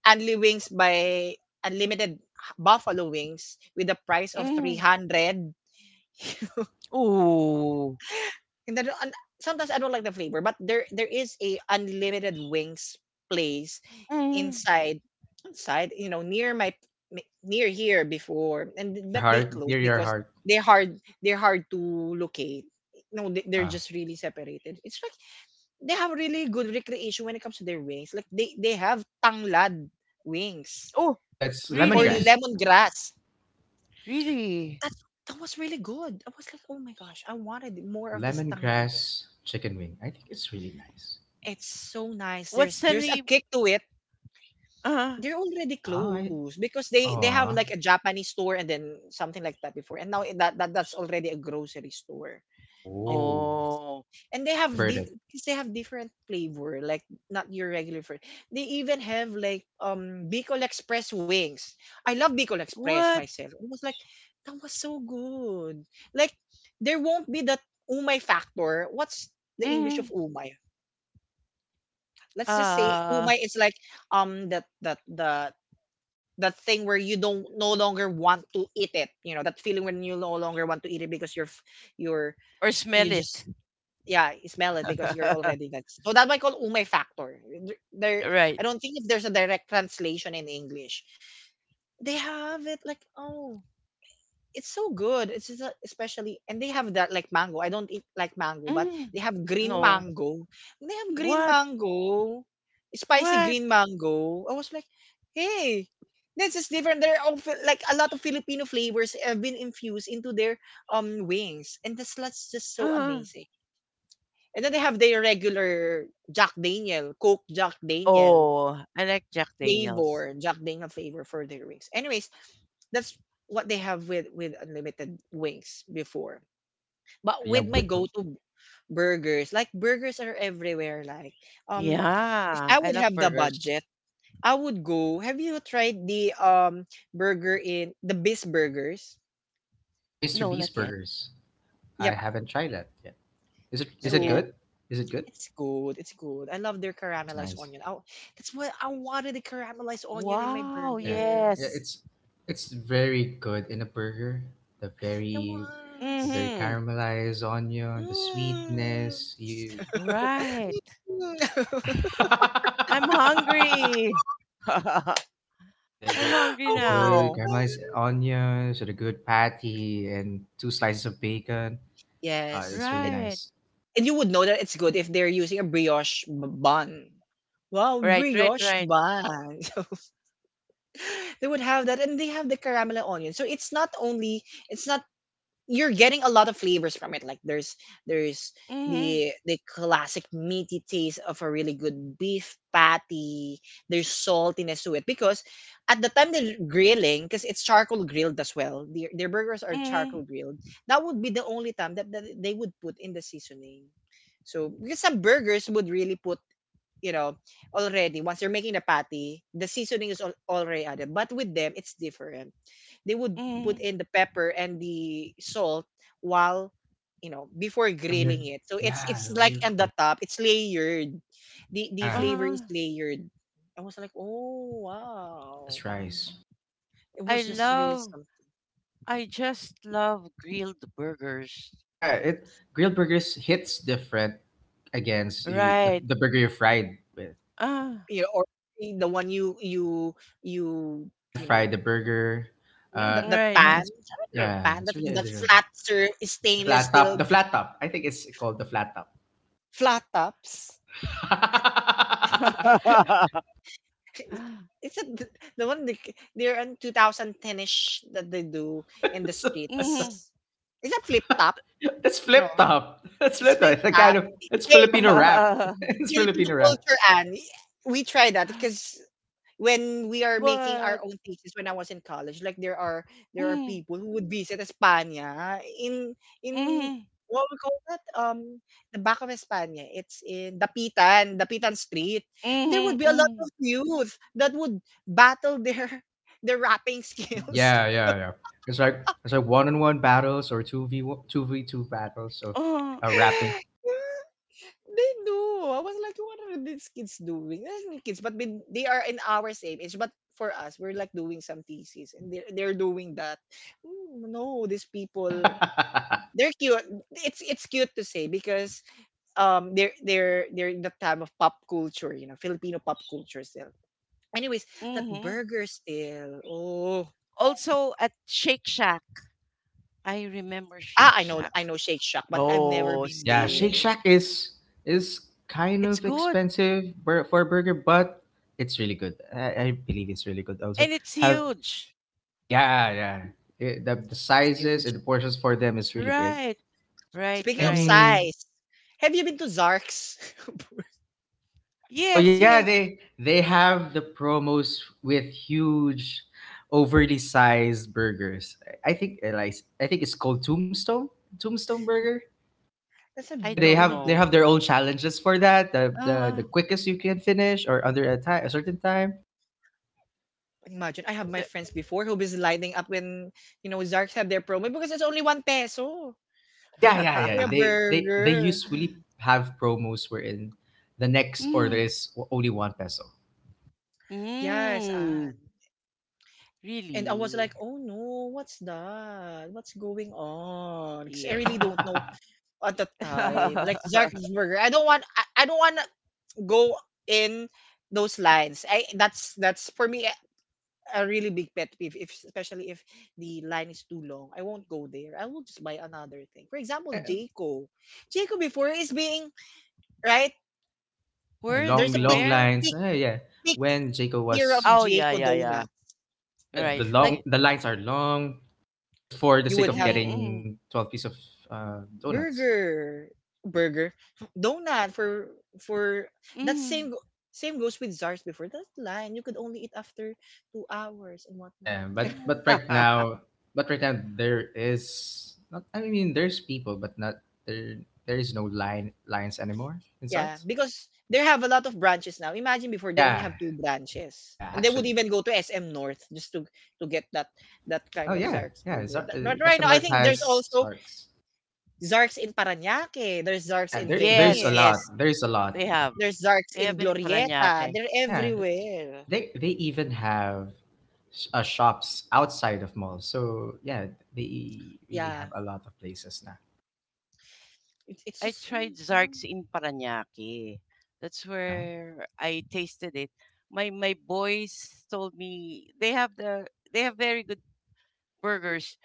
Speaker 1: Anli Wings by unlimited buffalo wings with the price of
Speaker 3: Mm.
Speaker 1: 300.
Speaker 3: Oh.
Speaker 1: And sometimes I don't like the flavor, but there is a unlimited wings place
Speaker 3: Mm.
Speaker 1: inside inside, you know, near my near here before,
Speaker 2: in
Speaker 1: and
Speaker 2: your
Speaker 1: but they
Speaker 2: heart,
Speaker 1: closed
Speaker 2: near your
Speaker 1: because
Speaker 2: heart.
Speaker 1: they're hard to locate. No, they're
Speaker 2: Ah,
Speaker 1: just really separated. It's like they have really good recreation when it comes to their wings. Like they have tanglad wings
Speaker 3: Oh,
Speaker 2: so that's
Speaker 1: or
Speaker 3: really?
Speaker 2: lemongrass.
Speaker 1: lemongrass.
Speaker 3: Really?
Speaker 1: That's that was really good. I was like, oh my gosh, I wanted more of this tanglad
Speaker 2: Lemongrass
Speaker 1: wing.
Speaker 2: chicken wing. I think it's really nice.
Speaker 1: It's so nice.
Speaker 3: What's
Speaker 1: There's
Speaker 3: the
Speaker 1: there's a
Speaker 3: name?
Speaker 1: kick to it.
Speaker 3: Uh,
Speaker 1: They're already
Speaker 2: Ah,
Speaker 1: closed because they have
Speaker 2: aw,
Speaker 1: like a Japanese store, and then something like that before. And now eh, that's already a grocery store. And
Speaker 2: oh,
Speaker 3: oh.
Speaker 1: they have
Speaker 2: converted.
Speaker 1: 'cause they have different flavor, like not your regular they even have like Bicol Express wings. I love Bicol Express
Speaker 3: What?
Speaker 1: myself. It was like that was so good. Like there won't be that umay factor. What's the English of
Speaker 3: Mm.
Speaker 1: umay? Let's just say
Speaker 3: Uh,
Speaker 1: umay is like that the that thing where you don't no longer want to eat it. You know that feeling when you no longer want to eat it because you're,
Speaker 3: or smell
Speaker 1: you
Speaker 3: it.
Speaker 1: just, yeah, you smell it because you're
Speaker 3: *laughs*
Speaker 1: already that, so that might call umay factor there.
Speaker 3: Right.
Speaker 1: I don't think if there's a direct translation in English. They have it like oh, it's so good. It's just, especially, and they have that like mango. I don't eat like mango, but
Speaker 3: Mm,
Speaker 1: they have green
Speaker 3: no.
Speaker 1: mango. They have green
Speaker 3: What?
Speaker 1: mango, spicy
Speaker 3: What?
Speaker 1: green mango. I was like, hey, this is different. There are all, like a lot of Filipino flavors have been infused into their wings, and that's just so
Speaker 3: Uh,
Speaker 1: amazing. And then they have their regular Jack Daniel, Coke
Speaker 3: oh, I like Jack Daniels.
Speaker 1: Jack Daniel flavor for their wings. Anyways, that's what they have with unlimited wings before.
Speaker 2: Yeah,
Speaker 1: But
Speaker 2: yeah.
Speaker 1: with my burgers, like burgers are everywhere. Like um, if
Speaker 3: Yeah,
Speaker 1: I
Speaker 3: I
Speaker 1: would
Speaker 3: love
Speaker 1: have the
Speaker 3: burgers.
Speaker 1: budget, I would go. Have you tried the burger in the Bis Burgers?
Speaker 2: Mr.
Speaker 3: No,
Speaker 2: Beast
Speaker 3: not yet.
Speaker 2: burgers. I
Speaker 1: Yep.
Speaker 2: haven't tried that yet. Is it is
Speaker 3: Not
Speaker 2: it
Speaker 3: yet.
Speaker 2: good?
Speaker 1: So
Speaker 2: Is it good?
Speaker 1: it's good. It's good. I love their
Speaker 2: It's
Speaker 1: caramelized
Speaker 2: nice.
Speaker 1: onion. That's what I wanted, the caramelized onion in my
Speaker 3: Wow,
Speaker 2: Yeah.
Speaker 1: burger.
Speaker 2: Yeah,
Speaker 3: yes.
Speaker 2: it's very good in a burger. The
Speaker 1: It
Speaker 2: very the
Speaker 1: was.
Speaker 2: very
Speaker 3: Mm-hmm.
Speaker 2: caramelized onion, the
Speaker 1: Mm.
Speaker 2: sweetness,
Speaker 1: *laughs*
Speaker 2: you
Speaker 3: Right.
Speaker 1: Mm. *laughs*
Speaker 2: *laughs*
Speaker 3: I'm hungry. *laughs* I'm
Speaker 2: the, the,
Speaker 1: I
Speaker 3: hungry
Speaker 2: the
Speaker 1: wanted.
Speaker 2: good
Speaker 3: now.
Speaker 2: caramelized onions or the good patty and two slices of bacon.
Speaker 1: Yes.
Speaker 2: It's really
Speaker 1: It,
Speaker 3: Right.
Speaker 2: nice.
Speaker 1: and you would know that it's good if they're using a brioche bun. Wow,
Speaker 3: Right, right,
Speaker 1: brioche
Speaker 3: right.
Speaker 1: bun. *laughs* They would have that and they have the caramel and onion. So it's not only, it's not you're getting a lot of flavors from it. Like there's
Speaker 3: Mm-hmm.
Speaker 1: the classic meaty taste of a really good beef patty. There's saltiness to it because at the time they're grilling, because it's charcoal grilled as well. Their burgers are
Speaker 3: Mm-hmm.
Speaker 1: charcoal grilled. That would be the only time that, that they would put in the seasoning. So because some burgers would really put, you know, already once they're making the patty, the seasoning is already added, but with them it's different. They would put
Speaker 3: Mm-hmm.
Speaker 1: in the pepper and the salt while, you know, before
Speaker 2: While you're
Speaker 1: grilling it. So
Speaker 2: Yeah,
Speaker 1: it's
Speaker 2: while
Speaker 1: like
Speaker 2: you're
Speaker 1: on the
Speaker 2: cooking.
Speaker 1: top, it's layered. The
Speaker 2: Yeah,
Speaker 1: flavor
Speaker 3: Uh,
Speaker 1: is layered. I was like, oh wow.
Speaker 2: it's rice.
Speaker 1: It
Speaker 3: I
Speaker 1: was just really
Speaker 3: love
Speaker 1: something.
Speaker 3: I just love grilled burgers.
Speaker 2: Yeah, it grilled burgers hits different against you, the,
Speaker 3: Right.
Speaker 2: the burger you fried with.
Speaker 3: Ah,
Speaker 1: You know, or the one you you
Speaker 2: Pan
Speaker 1: you
Speaker 2: fry the
Speaker 1: know,
Speaker 2: burger.
Speaker 1: the
Speaker 2: Uh,
Speaker 3: right.
Speaker 2: yeah,
Speaker 1: pan,
Speaker 2: it's
Speaker 1: I don't know,
Speaker 2: yeah,
Speaker 1: pan
Speaker 2: it's
Speaker 1: that
Speaker 2: really
Speaker 1: that
Speaker 2: the,
Speaker 1: flat sir
Speaker 2: the
Speaker 1: stainless
Speaker 2: flat
Speaker 1: steel
Speaker 2: top. The flat top. I think it's called the flat top.
Speaker 1: flat tops.
Speaker 2: *laughs*
Speaker 3: *laughs*
Speaker 1: It's a, the one they, they're in 2010ish that they do in the
Speaker 2: So.
Speaker 3: Mhm.
Speaker 1: streets. Is that flip top?
Speaker 2: *laughs* That's
Speaker 1: You know,
Speaker 2: flip top. That's
Speaker 1: it's
Speaker 2: flip top.
Speaker 1: flip
Speaker 2: It's a
Speaker 1: top.
Speaker 2: kind of It's
Speaker 1: Hey,
Speaker 2: Filipino rap. *laughs*
Speaker 3: *laughs*
Speaker 1: it's
Speaker 2: It's
Speaker 1: Filipino
Speaker 2: Filipino rap.
Speaker 1: culture, and we try that because when we are making our
Speaker 3: But
Speaker 1: own thesis when I was in college, like there are
Speaker 3: mm,
Speaker 1: people who would visit Espana in
Speaker 3: mhm,
Speaker 1: what we call that the back of Espana. It's in Dapitan, Dapitan Street, and there would
Speaker 3: mhm,
Speaker 1: be a lot of
Speaker 3: mhm,
Speaker 1: youth that would battle their *laughs* their rapping
Speaker 2: Yeah,
Speaker 1: skills.
Speaker 2: yeah, yeah. It's like it's like one on one battles or two v two battles of
Speaker 3: uh,
Speaker 2: rapping.
Speaker 1: *laughs* They do. I was like, what are these kids doing? They're still kids, but they are in our same age. But for us, we're like doing some thesis, and they're doing that. No, these people,
Speaker 2: *laughs*
Speaker 1: they're cute. It's cute to say because they're in the time of pop culture, Filipino pop culture still. Anyways, that
Speaker 3: mhm.
Speaker 1: burger still. Oh,
Speaker 3: Also at Shake Shack, I remember Shake
Speaker 1: I know
Speaker 3: Shack.
Speaker 1: I know Shake Shack, but I've never
Speaker 3: Oh,
Speaker 1: been
Speaker 2: Yeah,
Speaker 1: there.
Speaker 2: Shake
Speaker 3: see,
Speaker 2: Shack is is kind
Speaker 3: it's
Speaker 2: of
Speaker 3: good
Speaker 2: expensive for a burger, but it's really good. I believe it's really good. Also,
Speaker 3: and it's
Speaker 2: have
Speaker 3: huge.
Speaker 2: yeah, yeah. The the
Speaker 1: It's
Speaker 2: sizes and
Speaker 1: huge.
Speaker 2: the portions for them is really big.
Speaker 3: Right, right,
Speaker 1: Speaking of
Speaker 3: right.
Speaker 2: And
Speaker 1: size, have you been to Zark's? *laughs*
Speaker 2: oh
Speaker 3: Yes,
Speaker 2: yeah,
Speaker 3: yes.
Speaker 2: they have the promos with huge, overly sized burgers. I think, like, I think it's called Tombstone Burger.
Speaker 1: That's a
Speaker 3: I
Speaker 2: They
Speaker 3: don't
Speaker 1: really
Speaker 2: have
Speaker 1: big
Speaker 2: they
Speaker 3: know.
Speaker 2: have their
Speaker 1: word.
Speaker 2: own challenges for that. The the,
Speaker 3: Uh,
Speaker 2: the quickest you can finish or under a certain time.
Speaker 1: Imagine, I have my
Speaker 3: the
Speaker 1: friends before who was lining up when, Zarks have their promo because it's only one peso
Speaker 2: Oh yeah, yeah,
Speaker 1: for a
Speaker 2: yeah.
Speaker 3: *laughs*
Speaker 2: They
Speaker 1: burger.
Speaker 2: usually
Speaker 3: *laughs*
Speaker 2: have promos wherein the next order
Speaker 3: Mm.
Speaker 2: is only 1 peso. *laughs*
Speaker 1: Yes,
Speaker 3: Mm,
Speaker 1: and I was like,
Speaker 3: really?
Speaker 1: oh no, what's that? What's going on? Because I really
Speaker 3: Yes.
Speaker 1: don't know at the time. Like Zark's
Speaker 3: *laughs*
Speaker 1: burger, I don't want, I don't want to go in those lines. I that's for me, a really big pet peeve, if especially if the line is too long. I won't go there. I will just buy another thing. For example,
Speaker 2: Yeah,
Speaker 1: Jayco. Jayco before is being right.
Speaker 3: Where,
Speaker 1: There's a
Speaker 2: long
Speaker 1: big,
Speaker 2: long
Speaker 3: where?
Speaker 1: big,
Speaker 2: lines. Yeah,
Speaker 1: big
Speaker 2: when Jacob
Speaker 1: era of
Speaker 2: was
Speaker 3: Oh, yeah,
Speaker 1: Jayco
Speaker 3: yeah, yeah.
Speaker 1: donut.
Speaker 2: yeah,
Speaker 3: Right,
Speaker 1: Like
Speaker 3: right.
Speaker 2: the lines are long just for
Speaker 1: you
Speaker 2: the
Speaker 1: would
Speaker 2: sake of
Speaker 1: have
Speaker 3: Mm-hmm,
Speaker 2: getting 12 piece of donuts.
Speaker 1: burger, burger, donut for for that
Speaker 3: mm-hmm,
Speaker 1: same go- same goes with Zars before. That line you could only eat after 2 hours and whatnot.
Speaker 2: Yeah,
Speaker 1: Oh,
Speaker 2: but
Speaker 1: no.
Speaker 2: but right now there is not. I mean, there's people, but not there. There is no lines anymore in
Speaker 1: Yeah,
Speaker 2: Sarts.
Speaker 1: because they have a lot of branches now. Imagine before they only
Speaker 2: Yeah,
Speaker 1: have two branches,
Speaker 2: yeah.
Speaker 1: and they would
Speaker 2: Actually.
Speaker 1: even go to SM North just to get that kind
Speaker 2: Oh
Speaker 1: of
Speaker 2: yeah,
Speaker 1: Zark's
Speaker 2: yeah.
Speaker 1: burger. But right now,
Speaker 2: SM
Speaker 1: I
Speaker 2: North
Speaker 1: think there's
Speaker 2: has
Speaker 1: also
Speaker 2: Sarks.
Speaker 1: Zark's in Paranaque, there's Zark's
Speaker 3: *laughs*
Speaker 2: Yeah,
Speaker 1: in
Speaker 2: there
Speaker 3: yes,
Speaker 2: there's a
Speaker 1: Venice,
Speaker 3: yes,
Speaker 2: lot. There's a
Speaker 3: they
Speaker 2: lot.
Speaker 3: have.
Speaker 1: there's Zark's
Speaker 3: They have
Speaker 1: in
Speaker 3: in
Speaker 1: Glorieta.
Speaker 3: Paranaque.
Speaker 1: They're
Speaker 2: Yeah,
Speaker 3: That's,
Speaker 1: everywhere.
Speaker 2: they even have shops outside of malls. So yeah, they really
Speaker 1: Yeah,
Speaker 2: have a lot of places now.
Speaker 1: it's
Speaker 3: I
Speaker 1: just mm,
Speaker 3: tried
Speaker 1: you know.
Speaker 3: Zark's in Paranaque. That's
Speaker 2: Yeah,
Speaker 3: where I tasted it. My boys told me they have they have very good burgers.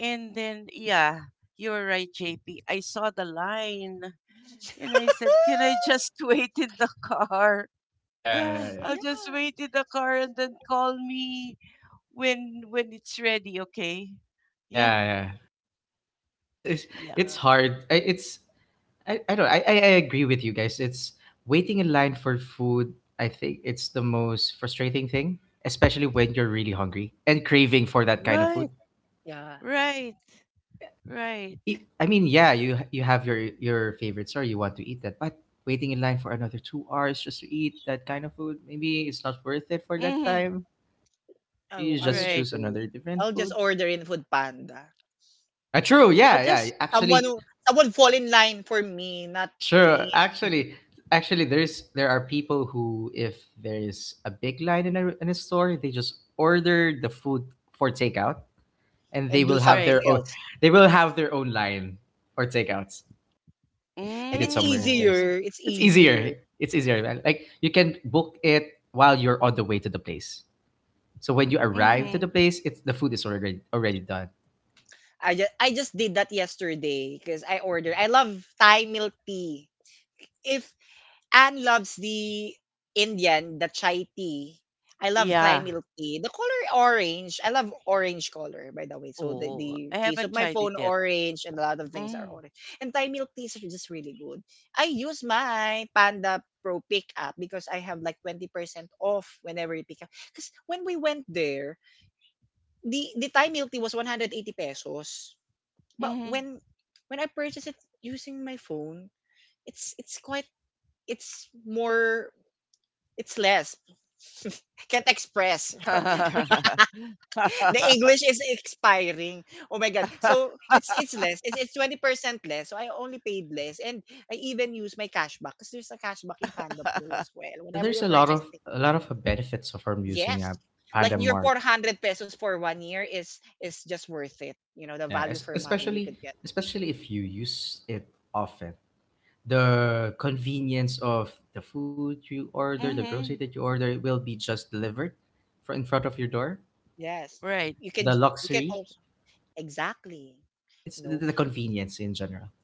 Speaker 3: And then, yeah, you were right, JP. I saw the line and I said, "Can I
Speaker 2: yeah,
Speaker 1: *laughs*
Speaker 3: just *laughs* wait in the car? *laughs*
Speaker 2: yeah, yeah,
Speaker 3: I'll
Speaker 2: yeah,
Speaker 1: Yeah,
Speaker 3: just wait in the car and then call me when it's ready, okay?" Yeah.
Speaker 2: yeah, yeah. It's, it's
Speaker 3: Yeah.
Speaker 1: yeah,
Speaker 2: it's hard. It's I don't. I agree with you guys. It's waiting in line for food. I think it's the most frustrating thing, especially when you're really hungry and craving for that kind of
Speaker 3: Right.
Speaker 2: food.
Speaker 1: yeah.
Speaker 3: Right. Right.
Speaker 2: I mean, yeah, you have your favorite store, you want to eat that, but waiting in line for another 2 hours just to eat that kind of food, maybe it's not worth it for
Speaker 3: Hmm.
Speaker 2: that time. Maybe
Speaker 1: I
Speaker 2: you just
Speaker 3: Right.
Speaker 1: wouldn't
Speaker 2: choose
Speaker 1: do it.
Speaker 2: another
Speaker 1: I'll
Speaker 2: different
Speaker 1: just
Speaker 2: food.
Speaker 1: order in Food Panda.
Speaker 2: True,
Speaker 3: I'll
Speaker 2: yeah,
Speaker 3: just
Speaker 2: yeah. Actually,
Speaker 1: Someone fall in line for me, not
Speaker 2: true.
Speaker 1: me,
Speaker 2: Actually, there are people who, if there is a big line in a store, they just order the food for takeout, and
Speaker 1: and do
Speaker 3: Right.
Speaker 1: something else.
Speaker 2: they will have their own line for takeouts.
Speaker 1: And
Speaker 2: Eat
Speaker 1: it's
Speaker 2: it somewhere in
Speaker 3: Mm.
Speaker 2: place.
Speaker 1: easier. It's
Speaker 2: It's
Speaker 1: easier.
Speaker 2: easier. It's easier, man. Like you can book it while you're on the way to the place. So when you arrive
Speaker 3: Hmm.
Speaker 2: to the place, it's the food is already done.
Speaker 1: I just did that yesterday because I ordered. I love Thai milk tea. If Anne loves the Indian, the chai tea. I love Thai
Speaker 3: Yeah.
Speaker 1: milk tea. The color orange. I love orange color, by the way. So the,
Speaker 3: Oh,
Speaker 1: the
Speaker 3: I
Speaker 1: case of
Speaker 3: haven't
Speaker 1: my
Speaker 3: tried it
Speaker 1: phone,
Speaker 3: yet.
Speaker 1: orange, and a lot of things are
Speaker 3: Mm.
Speaker 1: orange. And Thai milk teas are just really good. I use my Panda Pro pickup because I have like 20% off whenever you pick up. Because when we went there, the Thai milk tea was 180 pesos. But when I purchased it using my phone, it's it's quite it's more it's less. *laughs* I can't express. *laughs*
Speaker 3: Mm-hmm.
Speaker 1: The
Speaker 3: *laughs*
Speaker 1: English is expiring. Oh my god. So
Speaker 3: *laughs*
Speaker 1: it's less. It's 20% less. So I only paid less, and I even use my cashback because there's a cashback in Panda Pro as well. Whenever you
Speaker 2: There's a lot
Speaker 1: purchase
Speaker 2: of
Speaker 1: it.
Speaker 2: benefits of from
Speaker 1: Yes.
Speaker 2: using a
Speaker 1: Like
Speaker 2: Panda
Speaker 1: your
Speaker 2: Mart.
Speaker 1: 400 pesos for one year is just worth it. You know, the
Speaker 2: Yeah,
Speaker 1: value for money you could
Speaker 2: especially
Speaker 1: get.
Speaker 2: especially if you use it often. The convenience of the food you order, the grocery
Speaker 3: Mhm.
Speaker 2: that you order will be just delivered for in front of your door.
Speaker 1: Yes.
Speaker 3: Right.
Speaker 1: You can
Speaker 2: The
Speaker 1: you can
Speaker 2: luxury,
Speaker 1: also exactly. You
Speaker 2: it's
Speaker 1: know,
Speaker 2: the convenience in general.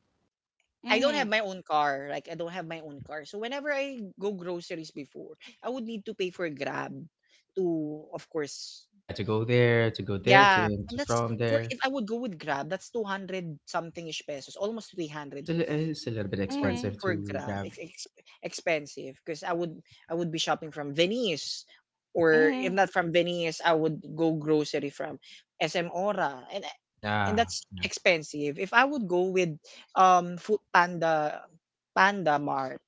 Speaker 1: I don't have
Speaker 3: Mhm.
Speaker 1: my own car. Like I don't have my own car. So whenever I go groceries before, I would need to pay for Grab to of course,
Speaker 2: Yeah, to go there,
Speaker 1: yeah. And
Speaker 2: to
Speaker 1: that's
Speaker 2: from
Speaker 1: for if
Speaker 2: there.
Speaker 1: I would go with Grab, that's 200 something ish pesos, almost 300
Speaker 2: It's a little bit
Speaker 1: for
Speaker 3: Mhm.
Speaker 2: expensive to
Speaker 1: Grab. It's
Speaker 2: grab.
Speaker 1: expensive because I would be shopping from Venice, or if
Speaker 3: Mhm.
Speaker 1: not from Venice, I would go grocery from SM Ora. And
Speaker 2: Nah,
Speaker 1: that's
Speaker 2: yeah.
Speaker 1: expensive. If I would go with Food Panda, Panda Mart,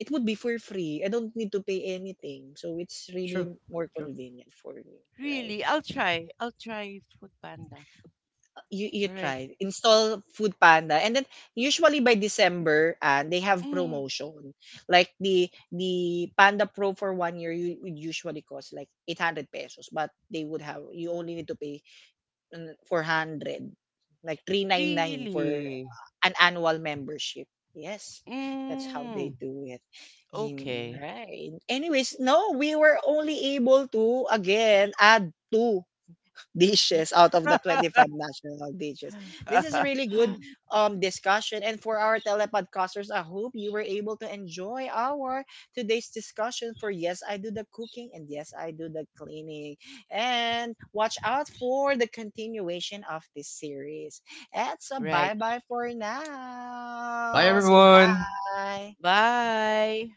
Speaker 1: it would be for free. I don't need to pay anything. So it's really
Speaker 2: True,
Speaker 1: more
Speaker 2: true.
Speaker 1: convenient for me, right?
Speaker 3: Really, I'll try. I'll try Food Panda.
Speaker 1: You
Speaker 3: Right.
Speaker 1: try install Food Panda, and then usually by December and they have
Speaker 3: Mm.
Speaker 1: promotion. Like the Panda Pro for one year you would usually cost like 800 pesos, but they would have you only need to pay 400. Like 399 for
Speaker 3: Really.
Speaker 1: an annual membership. Yes. That's how
Speaker 3: Mm.
Speaker 1: they do it. In,
Speaker 3: Okay.
Speaker 1: right. Anyways, no, we were only able to again add two dishes out of the 25 national dishes. This is a really
Speaker 3: *laughs*
Speaker 1: good discussion. And for our telepodcasters, I hope you were able to enjoy our today's discussion for Yes, I Do the Cooking and Yes, I Do the Cleaning. And watch out for the continuation of this series. And so
Speaker 3: Right.
Speaker 1: bye bye for now.
Speaker 2: Bye,
Speaker 1: Say
Speaker 2: everyone.
Speaker 1: bye.
Speaker 3: Bye.